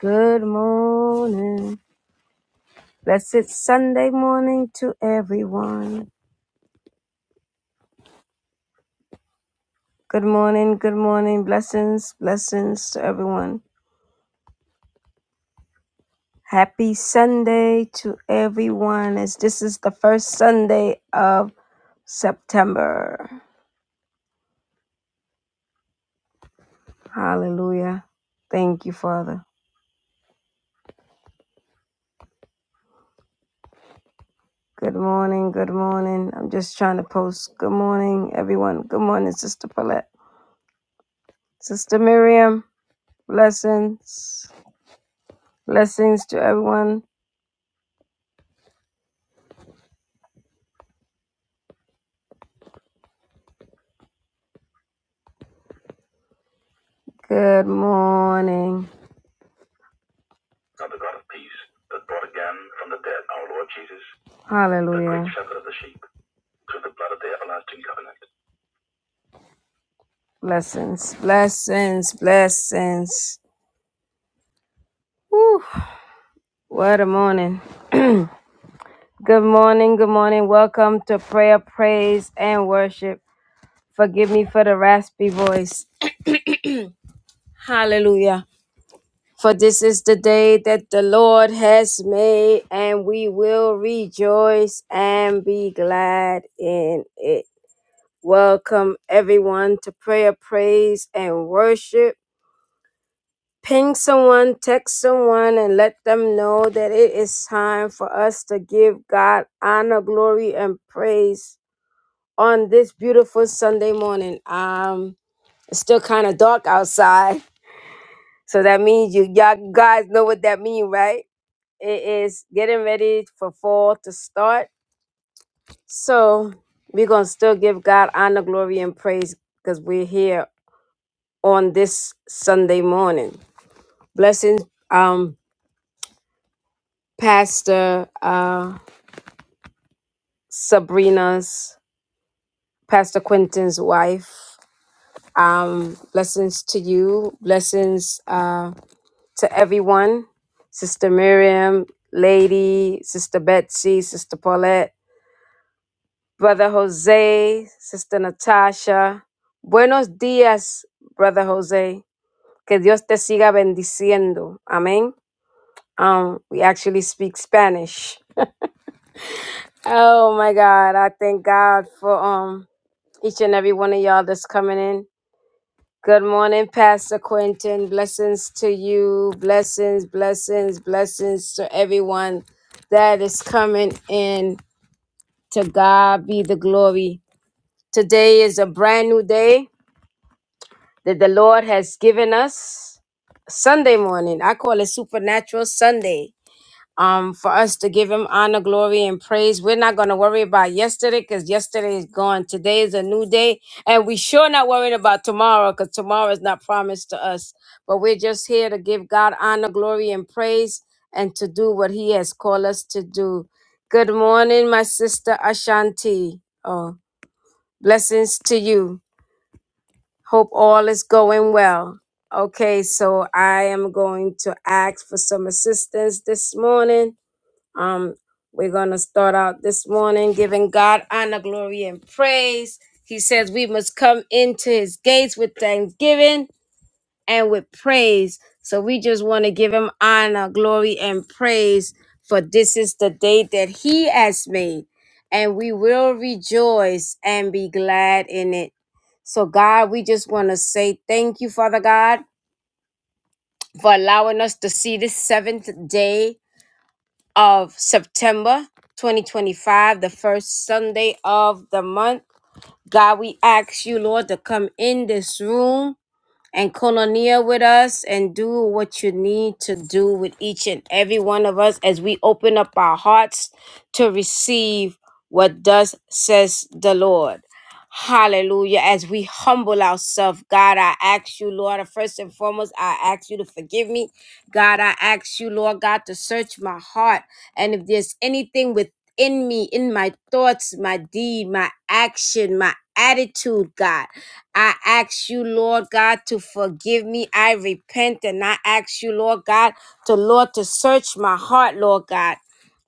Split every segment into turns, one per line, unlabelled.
Good morning. Blessed Sunday morning to everyone. Good morning, good morning. Blessings, blessings to everyone. Happy Sunday to everyone as this is the first Sunday of September. Hallelujah. Thank you, Father. Good morning, good morning. I'm just trying to post good morning, everyone. Good morning, Sister Paulette. Sister Miriam, blessings. Blessings to everyone. Good morning. Hallelujah. Blessings, blessings, blessings. Whew, what a morning. Good morning, good morning. Welcome to prayer, praise, and worship. Forgive me for the raspy voice. Hallelujah. For this is the day that the Lord has made, and we will rejoice and be glad in it. Welcome, everyone, to prayer, praise, and worship. Ping someone, text someone, and let them know that it is time for us to give God honor, glory, and praise on this beautiful Sunday morning. Um, it's still kind of dark outside, so that means you y'all guys know what that means, right? It is getting ready for fall to start. So we're gonna still give God honor, glory, and praise because we're here on this Sunday morning. Blessings, um, Pastor. uh. Sabrina's, Pastor Quentin's wife. Um, blessings to you. Blessings uh, to everyone. Sister Miriam, Lady, Sister Betsy, Sister Paulette, Brother Jose, Sister Natasha. Buenos dias, Brother Jose. Que Dios te siga bendiciendo. Amen. Um, we actually speak Spanish. Oh my God. I thank God for um each and every one of y'all that's coming in. Good morning, Pastor Quentin. Blessings to you. Blessings, blessings, blessings to everyone that is coming in. To God be the glory. Today is a brand new day that the Lord has given us. Sunday morning. I call it Supernatural Sunday um, for us to give him honor, glory, and praise. We're not going to worry about yesterday because yesterday is gone. Today is a new day. And we sure not worrying about tomorrow because tomorrow is not promised to us. But we're just here to give God honor, glory, and praise and to do what he has called us to do. Good morning, my sister Ashanti. Oh, blessings to you. Hope all is going well. Okay, so I am going to ask for some assistance this morning um, we're going to start out this morning giving God honor, glory, and praise. He says we must come into his gates with thanksgiving and with praise. So we just want to give him honor, glory, and praise for this is the day that he has made, and we will rejoice and be glad in it. So, God, we just want to say thank you, Father God, for allowing us to see this seventh day of September 2025, the first Sunday of the month. God, we ask you, Lord, to come in this room and colonia with us and do what you need to do with each and every one of us as we open up our hearts to receive what thus says the Lord. Hallelujah. As we humble ourselves, God, I ask you, Lord, first and foremost, I ask you to forgive me. God, I ask you, Lord God, to search my heart. And if there's anything within me, in my thoughts, my deed, my action, my attitude, God, I ask you, Lord God, to forgive me. I repent and I ask you, Lord God, to Lord, to search my heart, Lord God.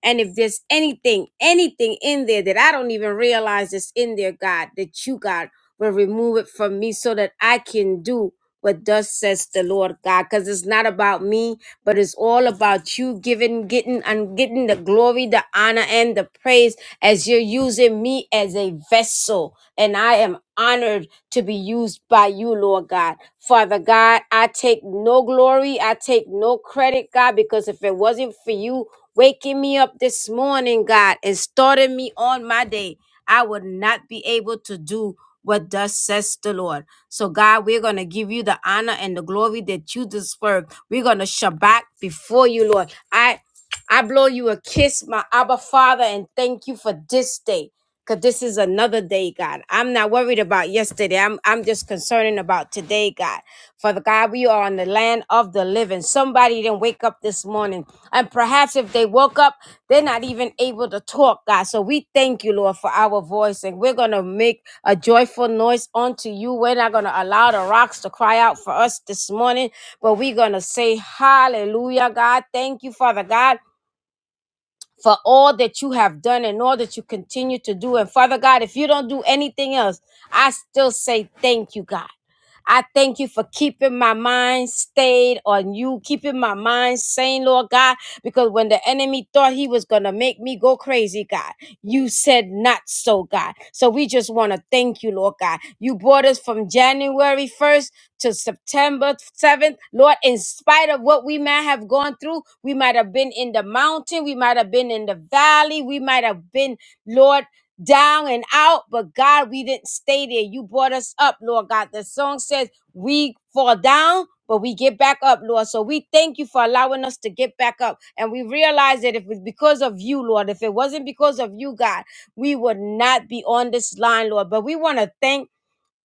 And if there's anything, anything in there that I don't even realize is in there, God, that you, God, will remove it from me so that I can do what thus says the Lord God. Because it's not about me, but it's all about you giving, getting, and getting the glory, the honor, and the praise as you're using me as a vessel. And I am honored to be used by you, Lord God. Father God, I take no glory, I take no credit, God, because if it wasn't for you, waking me up this morning, God, and starting me on my day. I would not be able to do what thus says the Lord. So, God, we're going to give you the honor and the glory that you deserve. We're going to Shabbat before you, Lord. I I blow you a kiss, my Abba Father, and thank you for this day. Cause this is another day, God. I'm not worried about yesterday. I'm I'm just concerning about today, God. Father God, we are on the land of the living. Somebody didn't wake up this morning. And perhaps if they woke up, they're not even able to talk, God. So we thank you, Lord, for our voice. And we're gonna make a joyful noise unto you. We're not gonna allow the rocks to cry out for us this morning, but we're gonna say hallelujah, God. Thank you, Father God for all that you have done and all that you continue to do. And Father God, if you don't do anything else, I still say thank you, God. I thank you for keeping my mind stayed on you, keeping my mind sane, Lord God, because when the enemy thought he was going to make me go crazy, God, you said not so, God. So we just want to thank you, Lord God. You brought us from January 1st to September 7th. Lord, in spite of what we might have gone through, we might have been in the mountain, we might have been in the valley, we might have been, Lord, down and out, but God, we didn't stay there. You brought us up, Lord God. The song says, We fall down. But we get back up, Lord. So we thank you for allowing us to get back up. And we realize that if it's because of you, Lord, if it wasn't because of you, God, we would not be on this line, Lord. But we want to thank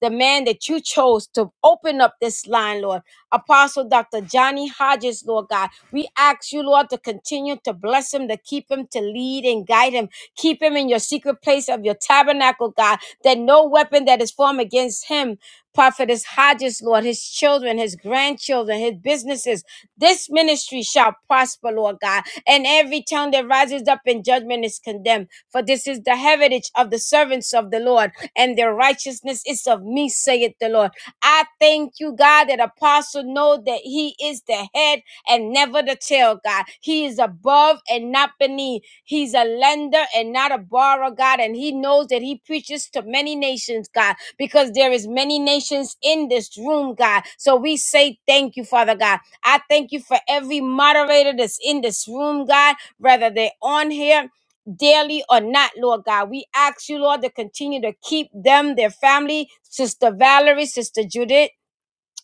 the man that you chose to open up this line, Lord. Apostle Dr. Johnny Hodges, Lord God. We ask you, Lord, to continue to bless him, to keep him, to lead and guide him. Keep him in your secret place of your tabernacle, God, that no weapon that is formed against him, Prophetess Hodges, Lord, his children, his grandchildren, his businesses, this ministry shall prosper, Lord God. And every tongue that rises up in judgment is condemned. For this is the heritage of the servants of the Lord and their righteousness is of me, saith the Lord. I thank you, God, that apostle know that he is the head and never the tail, God. He is above and not beneath. He's a lender and not a borrower, God, and he knows that he preaches to many nations, God, because there is many nations in this room, God. So we say thank you, Father God. I thank you for every moderator that's in this room, God, whether they're on here daily or not, Lord God. We ask you, Lord, to continue to keep them, their family, Sister Valerie, Sister Judith.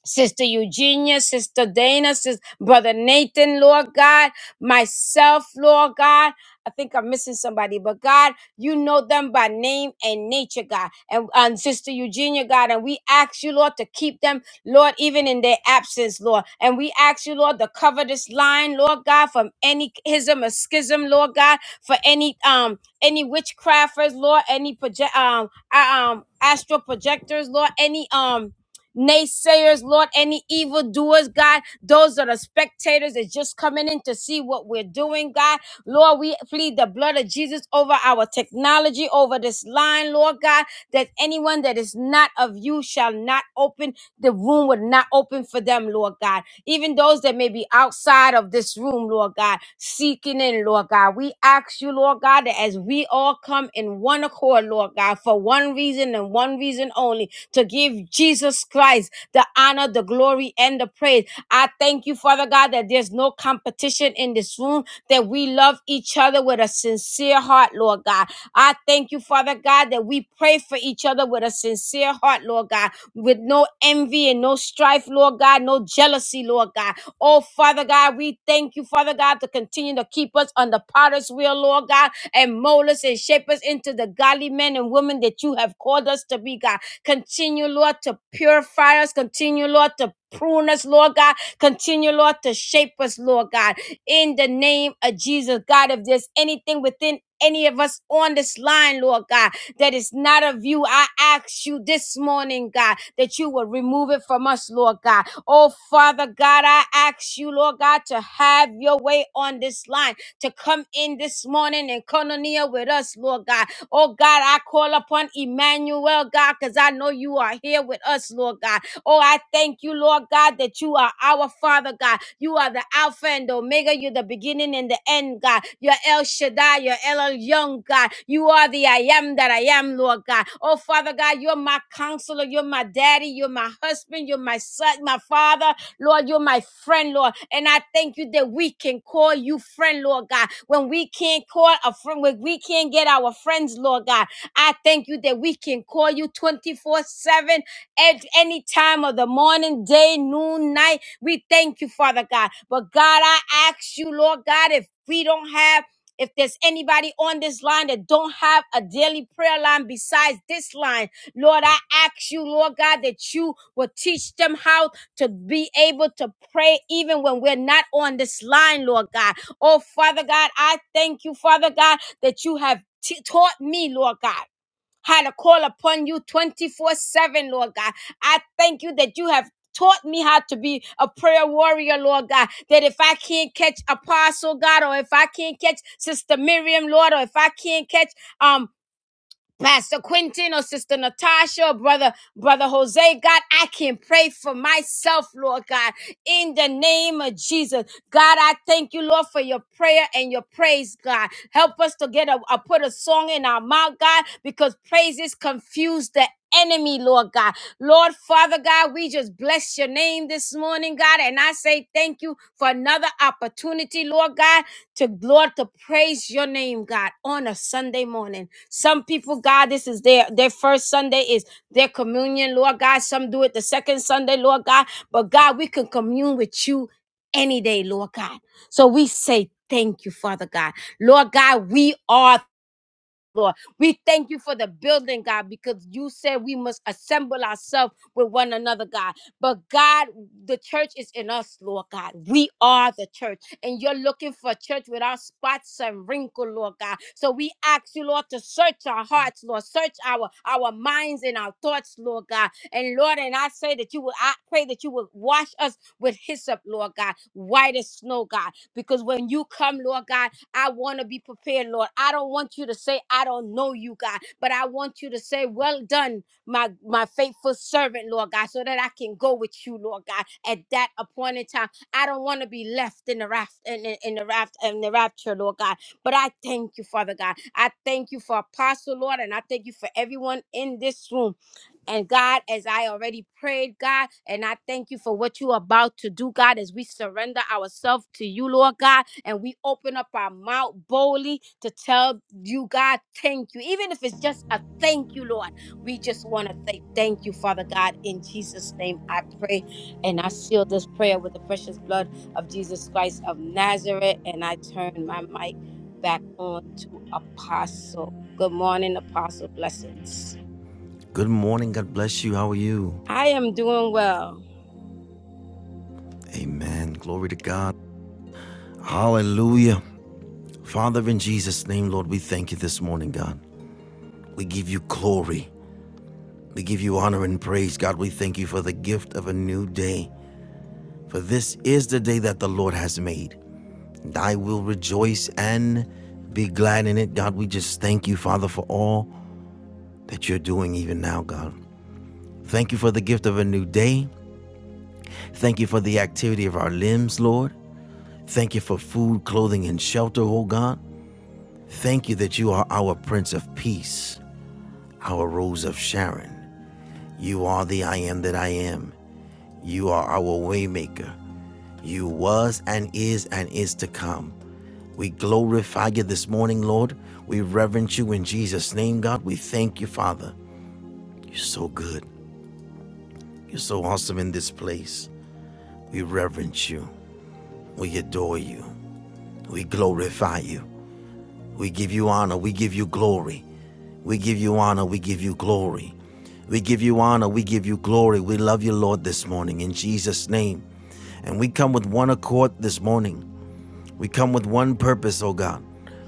Sister Eugenia, Sister Dana, Sister Brother Nathan, Lord God, myself, Lord God. I think I'm missing somebody, but God, you know them by name and nature, God. And, and Sister Eugenia, God, and we ask you, Lord, to keep them, Lord, even in their absence, Lord. And we ask you, Lord, to cover this line, Lord God, from any ism or schism, Lord God, for any um any witchcrafters, Lord, any project um uh, um astral projectors, Lord, any um naysayers, Lord, any evildoers, God, those are the spectators that's just coming in to see what we're doing, God. Lord, we plead the blood of Jesus over our technology, over this line, Lord God, that anyone that is not of you shall not open, the room would not open for them, Lord God. Even those that may be outside of this room, Lord God, seeking in, Lord God. We ask you, Lord God, that as we all come in one accord, Lord God, for one reason and one reason only, to give Jesus Christ the honor, the glory, and the praise. I thank you, Father God, that there's no competition in this room, that we love each other with a sincere heart, Lord God. I thank you, Father God, that we pray for each other with a sincere heart, Lord God, with no envy and no strife, Lord God, no jealousy, Lord God. Oh, Father God, we thank you, Father God, to continue to keep us on the potter's wheel, Lord God, and mold us and shape us into the godly men and women that you have called us to be, God. Continue, Lord, to purify us. Continue, Lord, to prune us, Lord God. Continue, Lord, to shape us, Lord God. In the name of Jesus, God, if there's anything within any of us on this line, Lord God, that is not of you, I ask you this morning, God, that you will remove it from us, Lord God. Oh, Father God, I ask you, Lord God, to have your way on this line, to come in this morning and koinonia with us, Lord God Oh God, I call upon Emmanuel, God, because I know you are here with us, Lord God. Oh, I thank you, Lord God, that you are our Father, God. You are the Alpha and Omega. You're the beginning and the end, God. You're El Shaddai. You're El Young, God. You are the I am that I am, Lord God. Oh, Father God, you're my counselor. You're my daddy. You're my husband. You're my son, my father. Lord, you're my friend, Lord. And I thank you that we can call you friend, Lord God. When we can't call a friend, when we can't get our friends, Lord God, I thank you that we can call you 24 7 at any time of the morning, day, noon, night. We thank you, Father God. But God, I ask you, Lord God, if we don't have if there's anybody on this line that don't have a daily prayer line besides this line, Lord, I ask you, Lord God, that you will teach them how to be able to pray even when we're not on this line, Lord God. Oh, Father God, I thank you, Father God, that you have t- taught me, Lord God, how to call upon you 24 7, Lord God. I thank you that you have taught me how to be a prayer warrior, Lord God. That if I can't catch Apostle God, or if I can't catch Sister Miriam, Lord, or if I can't catch um Pastor Quentin or Sister Natasha or Brother Brother Jose, God, I can pray for myself, Lord God, in the name of Jesus. God, I thank you, Lord, for your prayer and your praise, God. Help us to get a, a- put a song in our mouth, God, because praises confuse the enemy, Lord God. Lord Father God, we just bless your name this morning, God, and I say thank you for another opportunity, Lord God, to Lord to praise your name, God, on a Sunday morning. Some people, God, this is their their first Sunday is their communion, Lord God. Some do it the second Sunday, Lord God. But God, we can commune with you any day, Lord God. So we say thank you, Father God. Lord God, we are Lord. We thank you for the building, God, because you said we must assemble ourselves with one another, God. But God, the church is in us, Lord God. We are the church, and you're looking for a church without spots and wrinkle, Lord God. So we ask you, Lord, to search our hearts, Lord, search our our minds and our thoughts, Lord God. And Lord, and I say that you will, I pray that you will wash us with hyssop, Lord God, white as snow, God. Because when you come, Lord God. I want to be prepared, Lord. I don't want you to say, I don't know you, God, but I want you to say, Well done, my, my faithful servant, Lord God, so that I can go with you, Lord God, at that appointed time. I don't want to be left in the raft in, in, in the raft in the rapture, Lord God. But I thank you, Father God. I thank you for Apostle, Lord, and I thank you for everyone in this room. And God, as I already prayed, God, and I thank you for what you're about to do, God, as we surrender ourselves to you, Lord God, and we open up our mouth boldly to tell you, God, thank you. Even if it's just a thank you, Lord, we just want to say thank you, Father God. In Jesus' name, I pray. And I seal this prayer with the precious blood of Jesus Christ of Nazareth. And I turn my mic back on to Apostle. Good morning, Apostle. Blessings.
Good morning. God bless you. How are you?
I am doing well.
Amen. Glory to God. Hallelujah. Father, in Jesus' name, Lord, we thank you this morning, God. We give you glory. We give you honor and praise. God, we thank you for the gift of a new day. For this is the day that the Lord has made. And I will rejoice and be glad in it. God, we just thank you, Father, for all that you're doing even now, God. Thank you for the gift of a new day. Thank you for the activity of our limbs, Lord. Thank you for food, clothing, and shelter, O God. Thank you that you are our Prince of Peace, our Rose of Sharon. You are the I am that I am. You are our Waymaker. You was and is and is to come. We glorify you this morning, Lord. We reverence you in Jesus' name, God. We thank you, Father. You're so good. You're so awesome in this place. We reverence you. We adore you. We glorify you. We give you honor. We give you glory. We give you honor. We give you glory. We give you honor. We give you glory. We love you, Lord, this morning in Jesus' name. And we come with one accord this morning. We come with one purpose, oh God.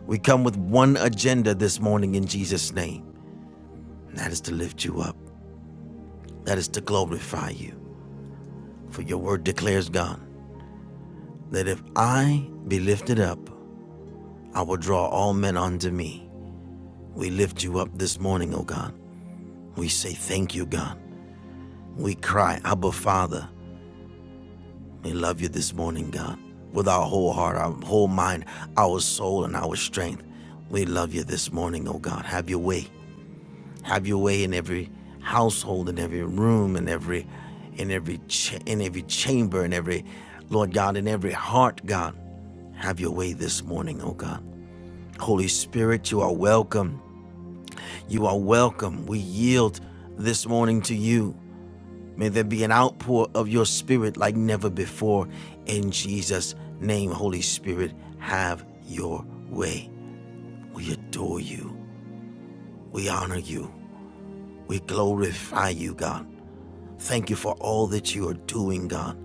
We come with one agenda this morning in Jesus' name. And that is to lift you up, that is to glorify you. For your word declares, God, that if I be lifted up, I will draw all men unto me. We lift you up this morning, oh God. We say thank you, God. We cry, Abba, Father. We love you this morning, God. With our whole heart, our whole mind, our soul, and our strength. We love you this morning, oh God. Have your way. Have your way in every household, in every room, in every in every ch- in every chamber, in every Lord God, in every heart, God. Have your way this morning, oh God. Holy Spirit, you are welcome. You are welcome. We yield this morning to you. May there be an outpour of your spirit like never before. In Jesus' name, Holy Spirit, have your way. We adore you. We honor you. We glorify you, God. Thank you for all that you are doing, God,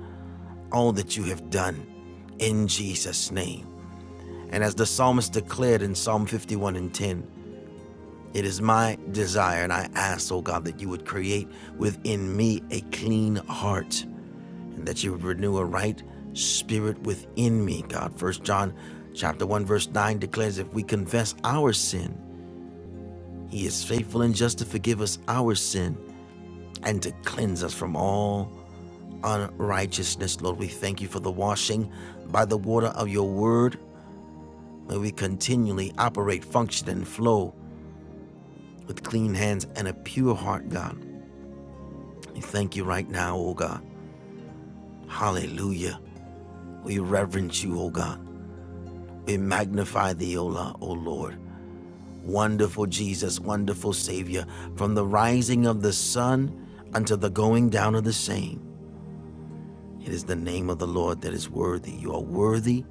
all that you have done in Jesus' name. And as the psalmist declared in Psalm 51 and 10, it is my desire and I ask, oh God, that you would create within me a clean heart and that you would renew a right spirit within me, God. First John chapter 1 verse 9 declares if we confess our sin, he is faithful and just to forgive us our sin and to cleanse us from all unrighteousness. Lord, we thank you for the washing by the water of your word. May we continually operate, function, and flow with clean hands and a pure heart, God. We thank you right now, O God. Hallelujah. We reverence you, O God. We magnify thee, O, O Lord. Wonderful Jesus, wonderful Savior, from the rising of the sun until the going down of the same. It is the name of the Lord that is worthy. You are worthy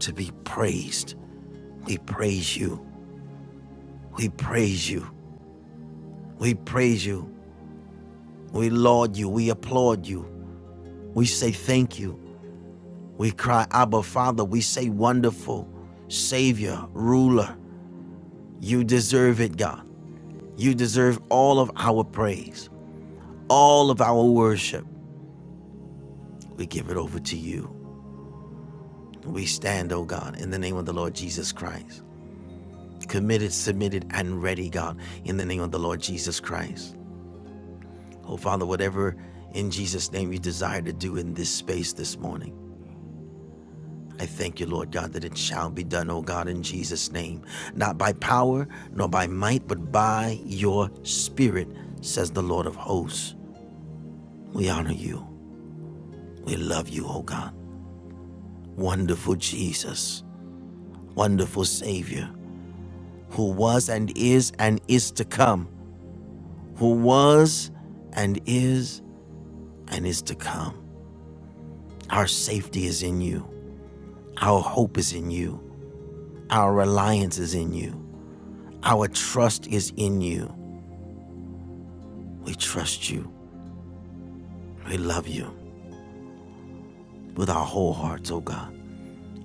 to be praised. We praise you. We praise you. We praise you. We laud you. We applaud you. We say thank you. We cry, Abba, Father. We say, Wonderful Savior, Ruler. You deserve it, God. You deserve all of our praise, all of our worship We give it over to you. We stand, oh God, in the name of the Lord Jesus Christ. Committed, submitted, and ready, God, in the name of the Lord Jesus Christ. Oh Father, whatever in Jesus' name you desire to do in this space this morning. I thank you, Lord God, that it shall be done, oh God, in Jesus' name. Not by power, nor by might, but by your spirit, says the Lord of hosts. We honor you. We love you, oh God. Wonderful Jesus. Wonderful Savior. who was and is and is to come, who was and is and is to come. Our safety is in you. Our hope is in you. Our reliance is in you. Our trust is in you. We trust you. We love you with our whole hearts, oh God.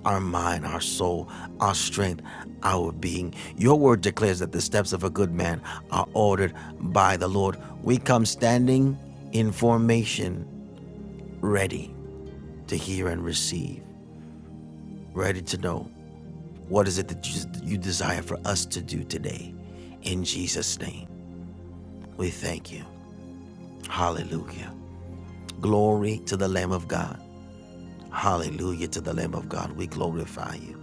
Our mind, our soul, our strength, our being. Your word declares that the steps of a good man are ordered by the Lord. We come standing in formation, ready. to hear and receive, ready to know what is it that you, you desire for us to do today. In Jesus' name, we thank you. Hallelujah. Glory to the Lamb of God. Hallelujah to the Lamb of God. We glorify you.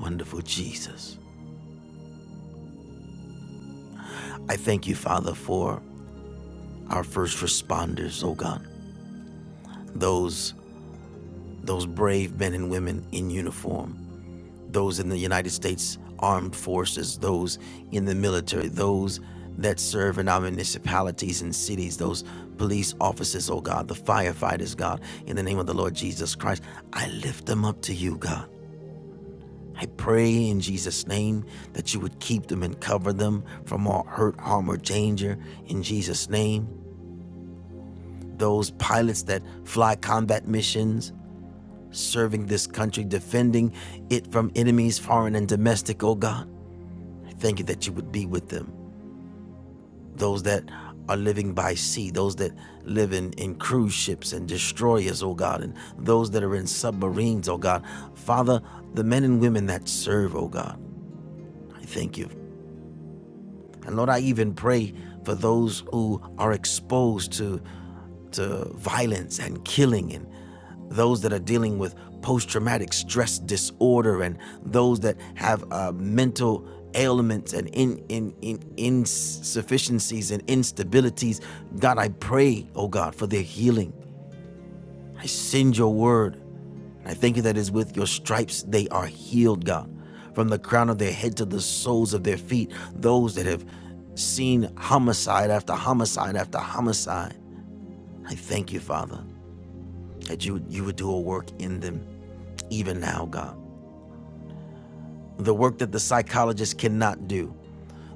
Wonderful Jesus. I thank you, Father, for our first responders, oh God. Those those brave men and women in uniform those in the United States Armed Forces, those in the military, those that serve in our municipalities and cities, those police officers, oh God, the firefighters, God, in the name of the Lord Jesus Christ, I lift them up to you, God. I pray in Jesus' name that you would keep them and cover them from all hurt, harm, or danger. In Jesus' name, those pilots that fly combat missions, serving this country, defending it from enemies, foreign and domestic, oh God. thank you that you would be with them. Those that are living by sea, those that live in, in cruise ships and destroyers, oh God, and those that are in submarines, oh God. Father, the men and women that serve, oh God, I thank you And Lord, I even pray for those who are exposed to to violence and killing and those that are dealing with post-traumatic stress disorder and those that have uh, mental ailments and in, in, in insufficiencies and instabilities god i pray oh god for their healing i send your word and I thank you that is with your stripes they are healed, God. From the crown of their head to the soles of their feet, those that have seen homicide after homicide after homicide. I thank you, Father, that you, you would do a work in them even now, God. The work that the psychologist cannot do,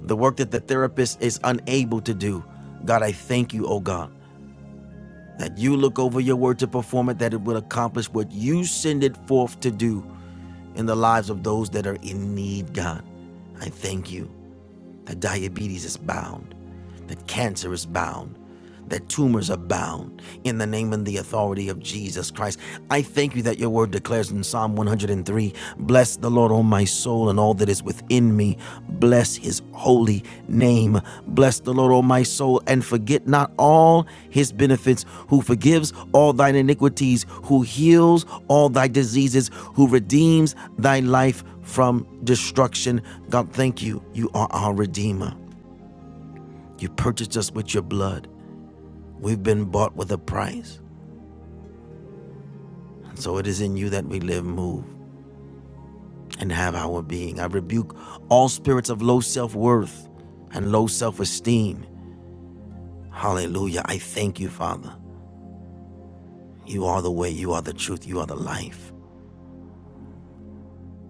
the work that the therapist is unable to do. God, I thank you, oh God, that you look over your word to perform it, that it will accomplish what you send it forth to do. in the lives of those that are in need, God. I thank you that diabetes is bound that cancer is bound, that tumors are bound in the name and the authority of Jesus Christ. I thank you that your word declares in Psalm 103 Bless the Lord, O my soul, and all that is within me. Bless his holy name. Bless the Lord, O my soul, and forget not all his benefits, who forgives all thine iniquities, who heals all thy diseases, who redeems thy life from destruction. God, thank you. You are our Redeemer. You purchased us with your blood. We've been bought with a price. And so it is in you that we live, move, and have our being. I rebuke all spirits of low self worth and low self esteem. Hallelujah. I thank you, Father. You are the way, you are the truth, you are the life.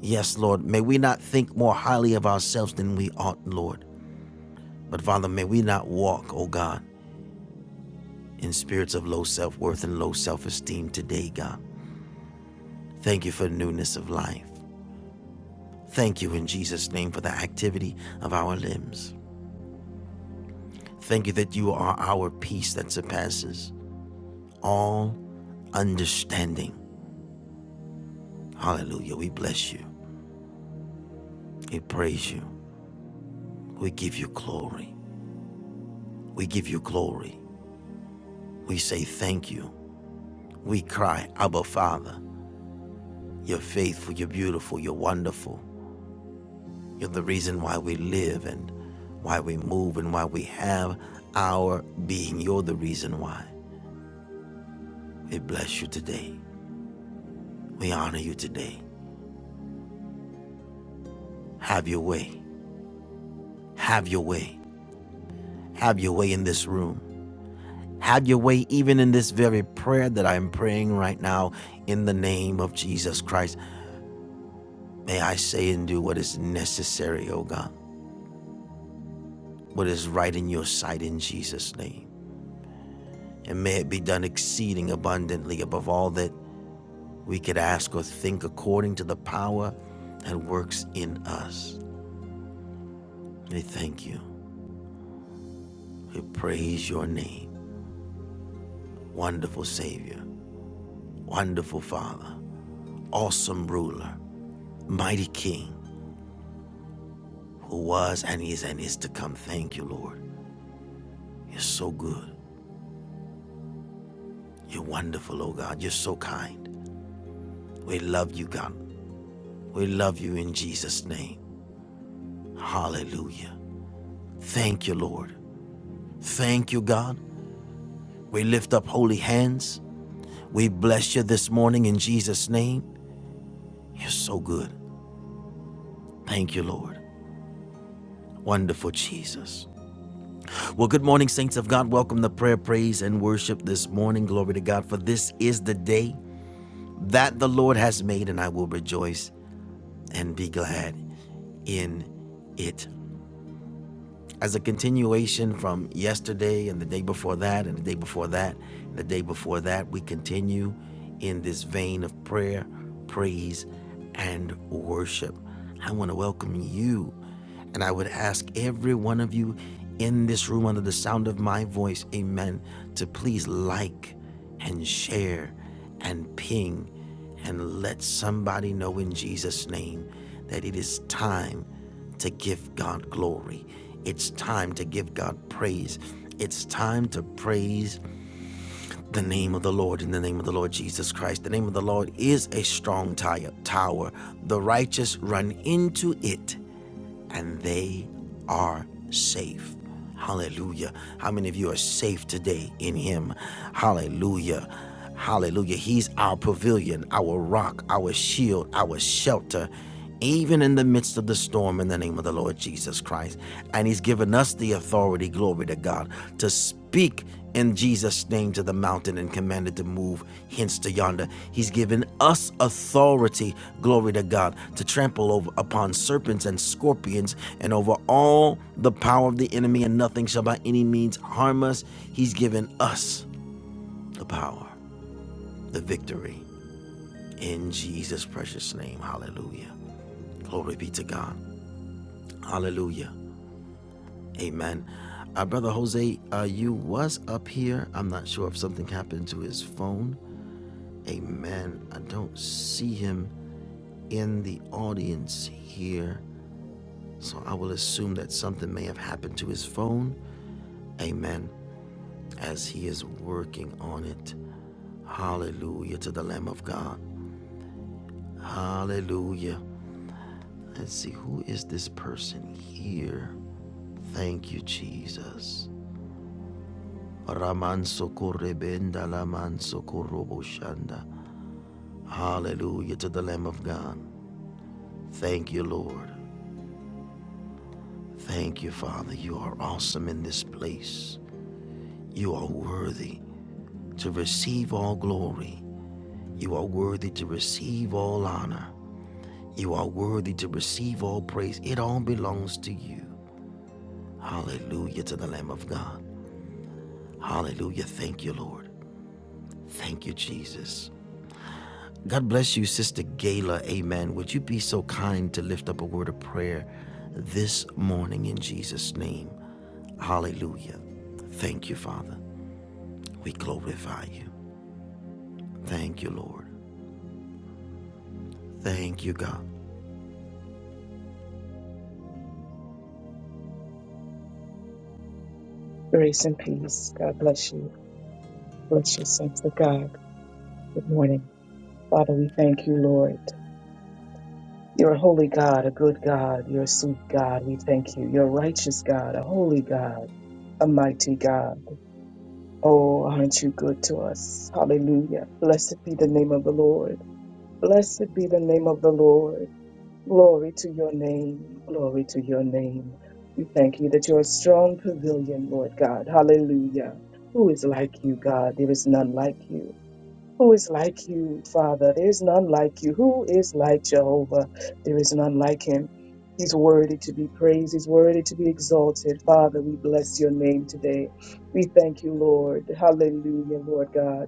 Yes, Lord, may we not think more highly of ourselves than we ought, Lord. But Father, may we not walk, oh God, in spirits of low self worth and low self esteem today, God. Thank you for newness of life. Thank you in Jesus' name for the activity of our limbs. Thank you that you are our peace that surpasses all understanding. Hallelujah. We bless you. We praise you. We give you glory. We give you glory. We say thank you. We cry, Abba Father. You're faithful, you're beautiful, you're wonderful. You're the reason why we live and why we move and why we have our being. You're the reason why. We bless you today. We honor you today. Have your way. Have your way. Have your way in this room. Have your way even in this very prayer that I am praying right now in the name of Jesus Christ. May I say and do what is necessary, O God, what is right in your sight in Jesus' name. And may it be done exceeding abundantly above all that we could ask or think according to the power that works in us. We thank you. We praise your name. Wonderful Savior. Wonderful Father. awesome ruler, mighty king who was and is and is to come. Thank you, Lord. You're so good. You're wonderful, oh God. You're so kind. We love you, God. We love you in Jesus' name. Hallelujah. Thank you, Lord. Thank you, God. We lift up holy hands. We bless you this morning in Jesus' name. You're so good. Thank you, Lord. Wonderful Jesus. Well, good morning, saints of God. Welcome to prayer, praise, and worship this morning. Glory to God, for this is the day that the Lord has made, and I will rejoice and be glad in it. As a continuation from yesterday and the day before that, and the day before that, and the day before that, we continue in this vein of prayer, praise, and worship. I want to welcome you, and I would ask every one of you in this room under the sound of my voice, amen, to please like and share and ping and let somebody know in Jesus' name that it is time to give God glory. It's time to give God praise. It's time to praise the name of the Lord in the name of the Lord Jesus Christ. The name of the Lord is a strong tower. The righteous run into it and they are safe. Hallelujah. How many of you are safe today in Him? Hallelujah. Hallelujah. He's our pavilion, our rock, our shield, our shelter, even in the midst of the storm, in the name of the Lord Jesus Christ. And He's given us the authority, glory to God, to speak and Jesus named to the mountain and commanded to move hence to yonder. He's given us authority, glory to God, to trample over upon serpents and scorpions and over all the power of the enemy, and nothing shall by any means harm us. He's given us the power, the victory in Jesus' precious name. Hallelujah. Glory be to God. Hallelujah. Amen. Uh, Brother Jose, uh, you was up here. I'm not sure if something happened to his phone. a man. I don't see him in the audience here, so I will assume that something may have happened to his phone. Amen. As he is working on it. Hallelujah to the Lamb of God. Hallelujah. Let's see, who is this person here? Thank you, Jesus. Raman Sokorebenda Laman Sokoroboshanda. Hallelujah to the Lamb of God. Thank you, Lord. Thank you, Father. You are awesome in this place. You are worthy to receive all glory. You are worthy to receive all honor. You are worthy to receive all praise. It all belongs to you. Hallelujah to the Lamb of God. Hallelujah. Thank you, Lord. Thank you, Jesus. God bless you, Sister Gayla. Amen. Would you be so kind to lift up a word of prayer this morning in Jesus' name? Hallelujah. Thank you, Father. We glorify you. Thank you, Lord. Thank you, God.
Grace and peace. God bless you. Bless you. saints of God. Good morning. Father, we thank you, Lord. You're a holy God, a good God. You're a sweet God. We thank you. You're a righteous God, a holy God, a mighty God. Oh, aren't you good to us? Hallelujah. Blessed be the name of the Lord. Blessed be the name of the Lord. Glory to your name. Glory to your name. We thank you that you're a strong pavilion, Lord God. Hallelujah. Who is like you, God? There is none like you. Who is like you, Father? There is none like you. Who is like Jehovah? There is none like him. He's worthy to be praised. He's worthy to be exalted. Father, we bless your name today. We thank you, Lord. Hallelujah, Lord God.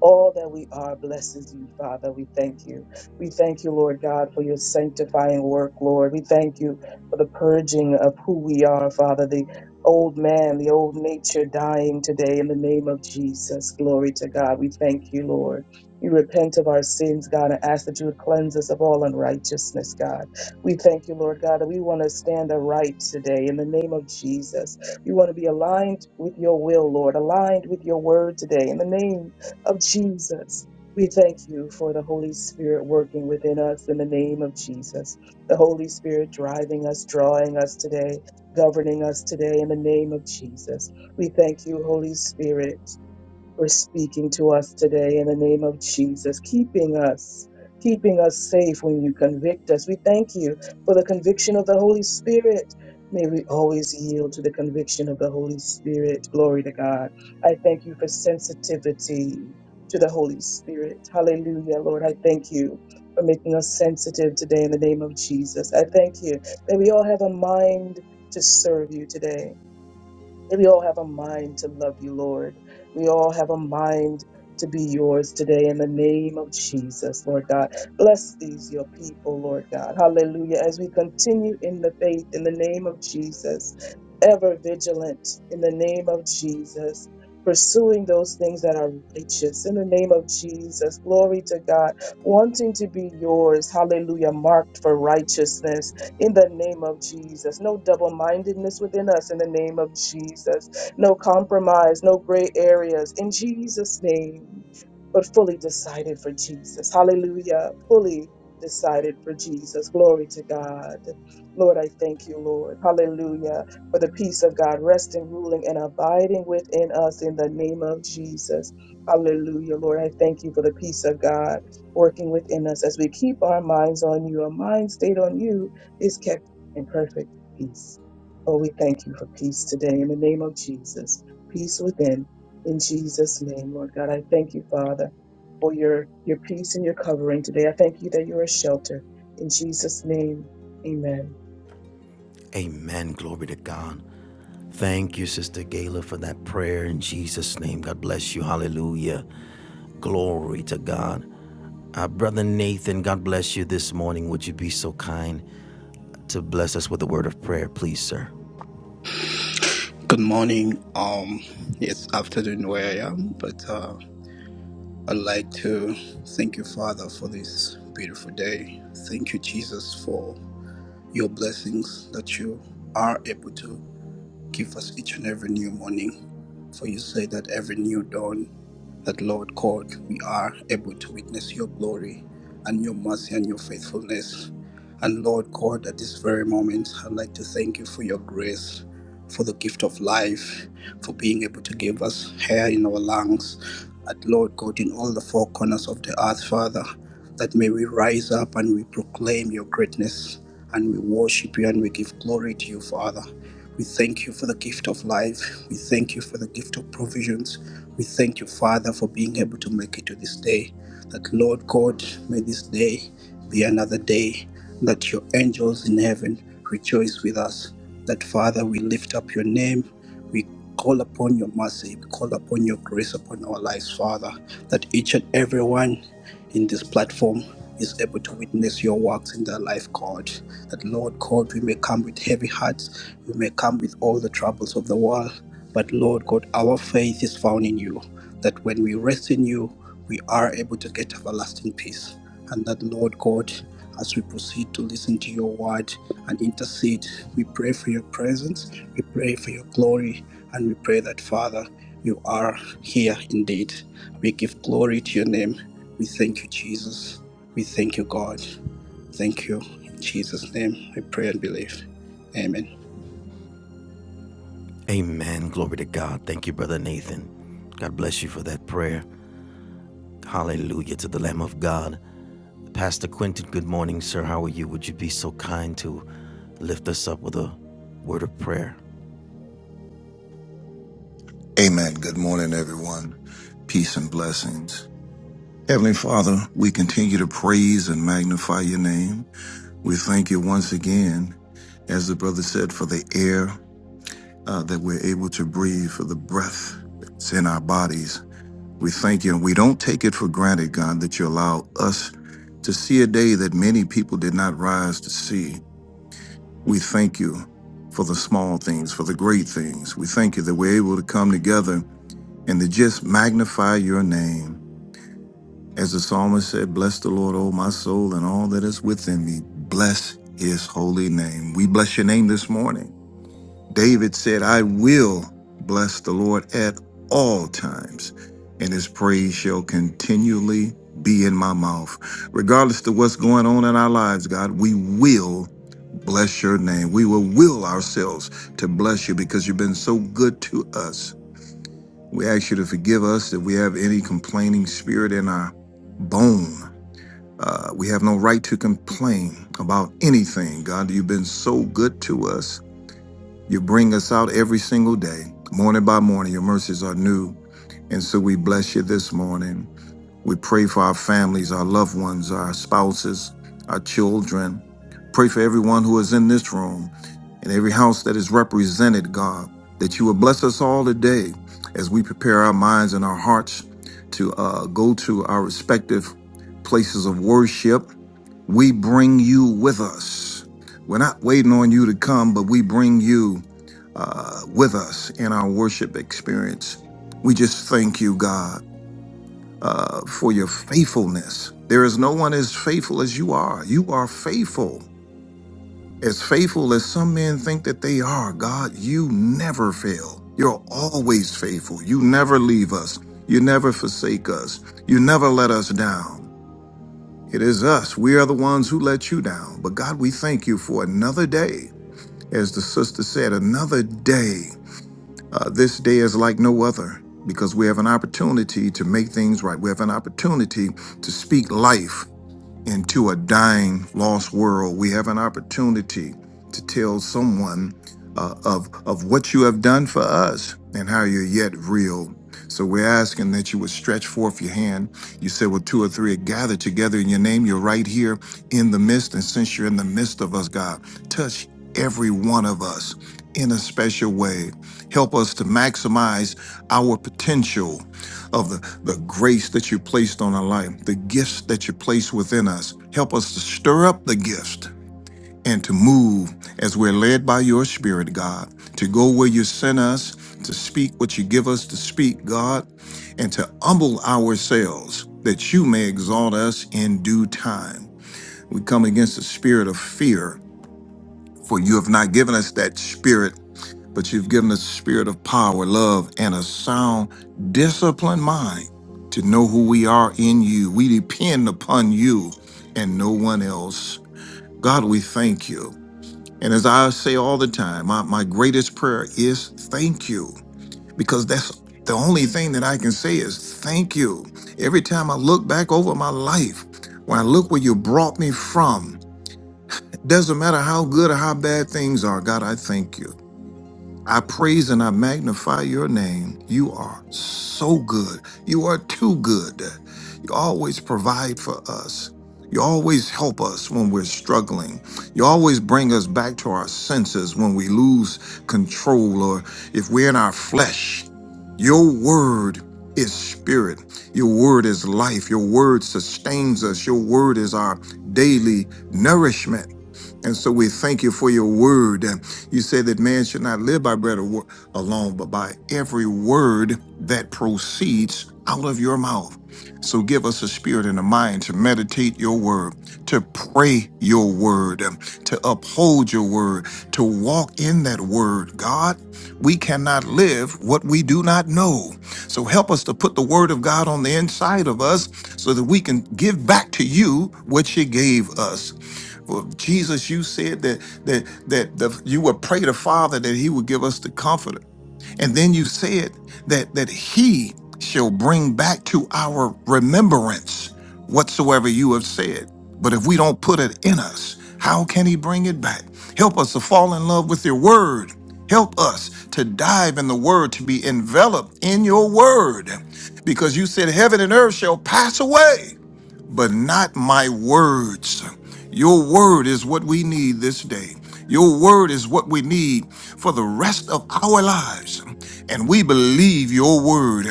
All that we are blesses you, Father. We thank you. We thank you, Lord God, for your sanctifying work, Lord. We thank you for the purging of who we are, Father, the old man, the old nature dying today in the name of Jesus. Glory to God. We thank you, Lord. We repent of our sins, God, and ask that you would cleanse us of all unrighteousness, God. We thank you, Lord God, that we want to stand aright today in the name of Jesus. We want to be aligned with your will, Lord, aligned with your word today in the name of Jesus. We thank you for the Holy Spirit working within us in the name of Jesus. The Holy Spirit driving us, drawing us today, governing us today in the name of Jesus. We thank you, Holy Spirit for speaking to us today in the name of Jesus, keeping us, keeping us safe when you convict us. We thank you for the conviction of the Holy Spirit. May we always yield to the conviction of the Holy Spirit. Glory to God. I thank you for sensitivity to the Holy Spirit. Hallelujah, Lord. I thank you for making us sensitive today in the name of Jesus. I thank you that we all have a mind to serve you today we all have a mind to love you, Lord. We all have a mind to be yours today in the name of Jesus, Lord God. Bless these, your people, Lord God. Hallelujah. As we continue in the faith in the name of Jesus, ever vigilant in the name of Jesus. Pursuing those things that are righteous in the name of Jesus. Glory to God. Wanting to be yours. Hallelujah. Marked for righteousness in the name of Jesus. No double mindedness within us in the name of Jesus. No compromise, no gray areas in Jesus' name but fully decided for Jesus. Hallelujah. Fully decided for Jesus. Glory to God. Lord, I thank you, Lord. Hallelujah. For the peace of God resting, ruling, and abiding within us in the name of Jesus. Hallelujah, Lord. I thank you for the peace of God working within us as we keep our minds on you. Our mind stayed on you is kept in perfect peace. Oh, we thank you for peace today in the name of Jesus. Peace within in Jesus' name, Lord God. I thank you, Father, for your, your peace and your covering today. I thank you that you're a shelter. In Jesus' name, amen.
Amen. Glory to God. Thank you, Sister Gayla, for that prayer in Jesus' name. God bless you. Hallelujah. Glory to God. Uh, Brother Nathan, God bless you this morning. Would you be so kind to bless us with a word of prayer, please, sir?
Good morning. Um, it's afternoon where I am, but uh, I'd like to thank you, Father, for this beautiful day. Thank you, Jesus, for your blessings that you are able to give us each and every new morning. For you say that every new dawn that, Lord God, we are able to witness your glory and your mercy and your faithfulness. And Lord God, at this very moment, I'd like to thank you for your grace, for the gift of life, for being able to give us hair in our lungs, at Lord God in all the four corners of the earth, Father, that may we rise up and we proclaim your greatness and we worship you and we give glory to you, Father. We thank you for the gift of life. We thank you for the gift of provisions. We thank you, Father, for being able to make it to this day. That, Lord God, may this day be another day that your angels in heaven rejoice with us. That, Father, we lift up your name we call upon your mercy. We call upon your grace upon our lives, Father, that each and everyone in this platform is able to witness your works in their life, God. That, Lord God, we may come with heavy hearts, we may come with all the troubles of the world, but, Lord God, our faith is found in you. That when we rest in you, we are able to get everlasting peace. And that, Lord God, as we proceed to listen to your word and intercede, we pray for your presence, we pray for your glory, and we pray that, Father, you are here indeed. We give glory to your name. We thank you, Jesus. We thank you, God. Thank you. In Jesus' name, I pray and believe. Amen.
Amen. Glory to God. Thank you, Brother Nathan. God bless you for that prayer. Hallelujah to the Lamb of God. Pastor Quentin, good morning, sir. How are you? Would you be so kind to lift us up with a word of prayer?
Amen. Good morning, everyone. Peace and blessings. Heavenly Father, we continue to praise and magnify your name. We thank you once again, as the brother said, for the air uh, that we're able to breathe, for the breath that's in our bodies. We thank you, and we don't take it for granted, God, that you allow us to see a day that many people did not rise to see. We thank you for the small things, for the great things. We thank you that we're able to come together and to just magnify your name. As the psalmist said, Bless the Lord, O my soul, and all that is within me. Bless his holy name. We bless your name this morning. David said, I will bless the Lord at all times, and his praise shall continually be in my mouth. Regardless of what's going on in our lives, God, we will bless your name. We will will ourselves to bless you because you've been so good to us. We ask you to forgive us if we have any complaining spirit in our bone. Uh, we have no right to complain about anything. God, you've been so good to us. You bring us out every single day, morning by morning. Your mercies are new. And so we bless you this morning. We pray for our families, our loved ones, our spouses, our children. Pray for everyone who is in this room and every house that is represented, God, that you will bless us all today as we prepare our minds and our hearts to uh, go to our respective places of worship. We bring you with us. We're not waiting on you to come, but we bring you uh, with us in our worship experience. We just thank you, God uh, for your faithfulness. There is no one as faithful as you are. You are faithful. As faithful as some men think that they are, God, you never fail. You're always faithful. You never leave us. You never forsake us. You never let us down. It is us. We are the ones who let you down. But God, we thank you for another day. As the sister said, another day uh, this day is like no other because we have an opportunity to make things right. We have an opportunity to speak life into a dying, lost world, we have an opportunity to tell someone uh, of of what you have done for us and how you're yet real. So we're asking that you would stretch forth your hand. You said, "Well, two or three are gathered together in your name. You're right here in the midst, and since you're in the midst of us, God, touch every one of us in a special way. Help us to maximize our potential." of the, the grace that you placed on our life, the gifts that you placed within us. Help us to stir up the gift and to move as we're led by your spirit, God, to go where you sent us, to speak what you give us to speak, God, and to humble ourselves that you may exalt us in due time. We come against the spirit of fear, for you have not given us that spirit but you've given us a spirit of power, love, and a sound, disciplined mind to know who we are in you. We depend upon you and no one else. God, we thank you. And as I say all the time, my, my greatest prayer is thank you, because that's the only thing that I can say is thank you. Every time I look back over my life, when I look where you brought me from, it doesn't matter how good or how bad things are, God, I thank you. I praise and I magnify your name. You are so good. You are too good. You always provide for us. You always help us when we're struggling. You always bring us back to our senses when we lose control or if we're in our flesh. Your word is spirit. Your word is life. Your word sustains us. Your word is our daily nourishment. And so we thank you for your word. And You said that man should not live by bread alo- alone, but by every word that proceeds out of your mouth. So give us a spirit and a mind to meditate your word, to pray your word, um, to uphold your word, to walk in that word. God, we cannot live what we do not know. So help us to put the word of God on the inside of us so that we can give back to you what you gave us. Well, Jesus, you said that that that the, you would pray the Father that He would give us the Comforter, and then you said that that He shall bring back to our remembrance whatsoever you have said. But if we don't put it in us, how can He bring it back? Help us to fall in love with Your Word. Help us to dive in the Word, to be enveloped in Your Word, because you said heaven and earth shall pass away but not my words. Your word is what we need this day. Your word is what we need for the rest of our lives. And we believe your word.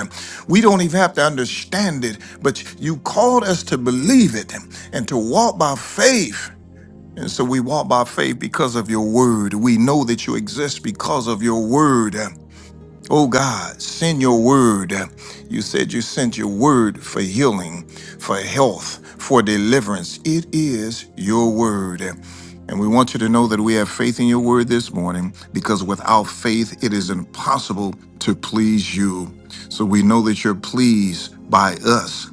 We don't even have to understand it, but you called us to believe it and to walk by faith. And so we walk by faith because of your word. We know that you exist because of your word. Oh God, send your word. You said you sent your word for healing, for health, for deliverance. It is your word. And we want you to know that we have faith in your word this morning because without faith, it is impossible to please you. So we know that you're pleased by us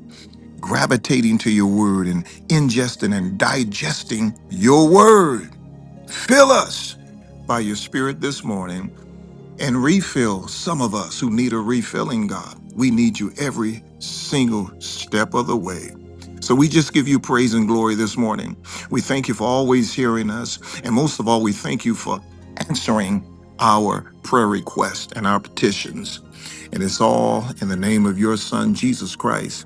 gravitating to your word and ingesting and digesting your word. Fill us by your spirit this morning and refill some of us who need a refilling, God. We need you every single step of the way. So we just give you praise and glory this morning. We thank you for always hearing us. And most of all, we thank you for answering our prayer requests and our petitions. And it's all in the name of your son, Jesus Christ,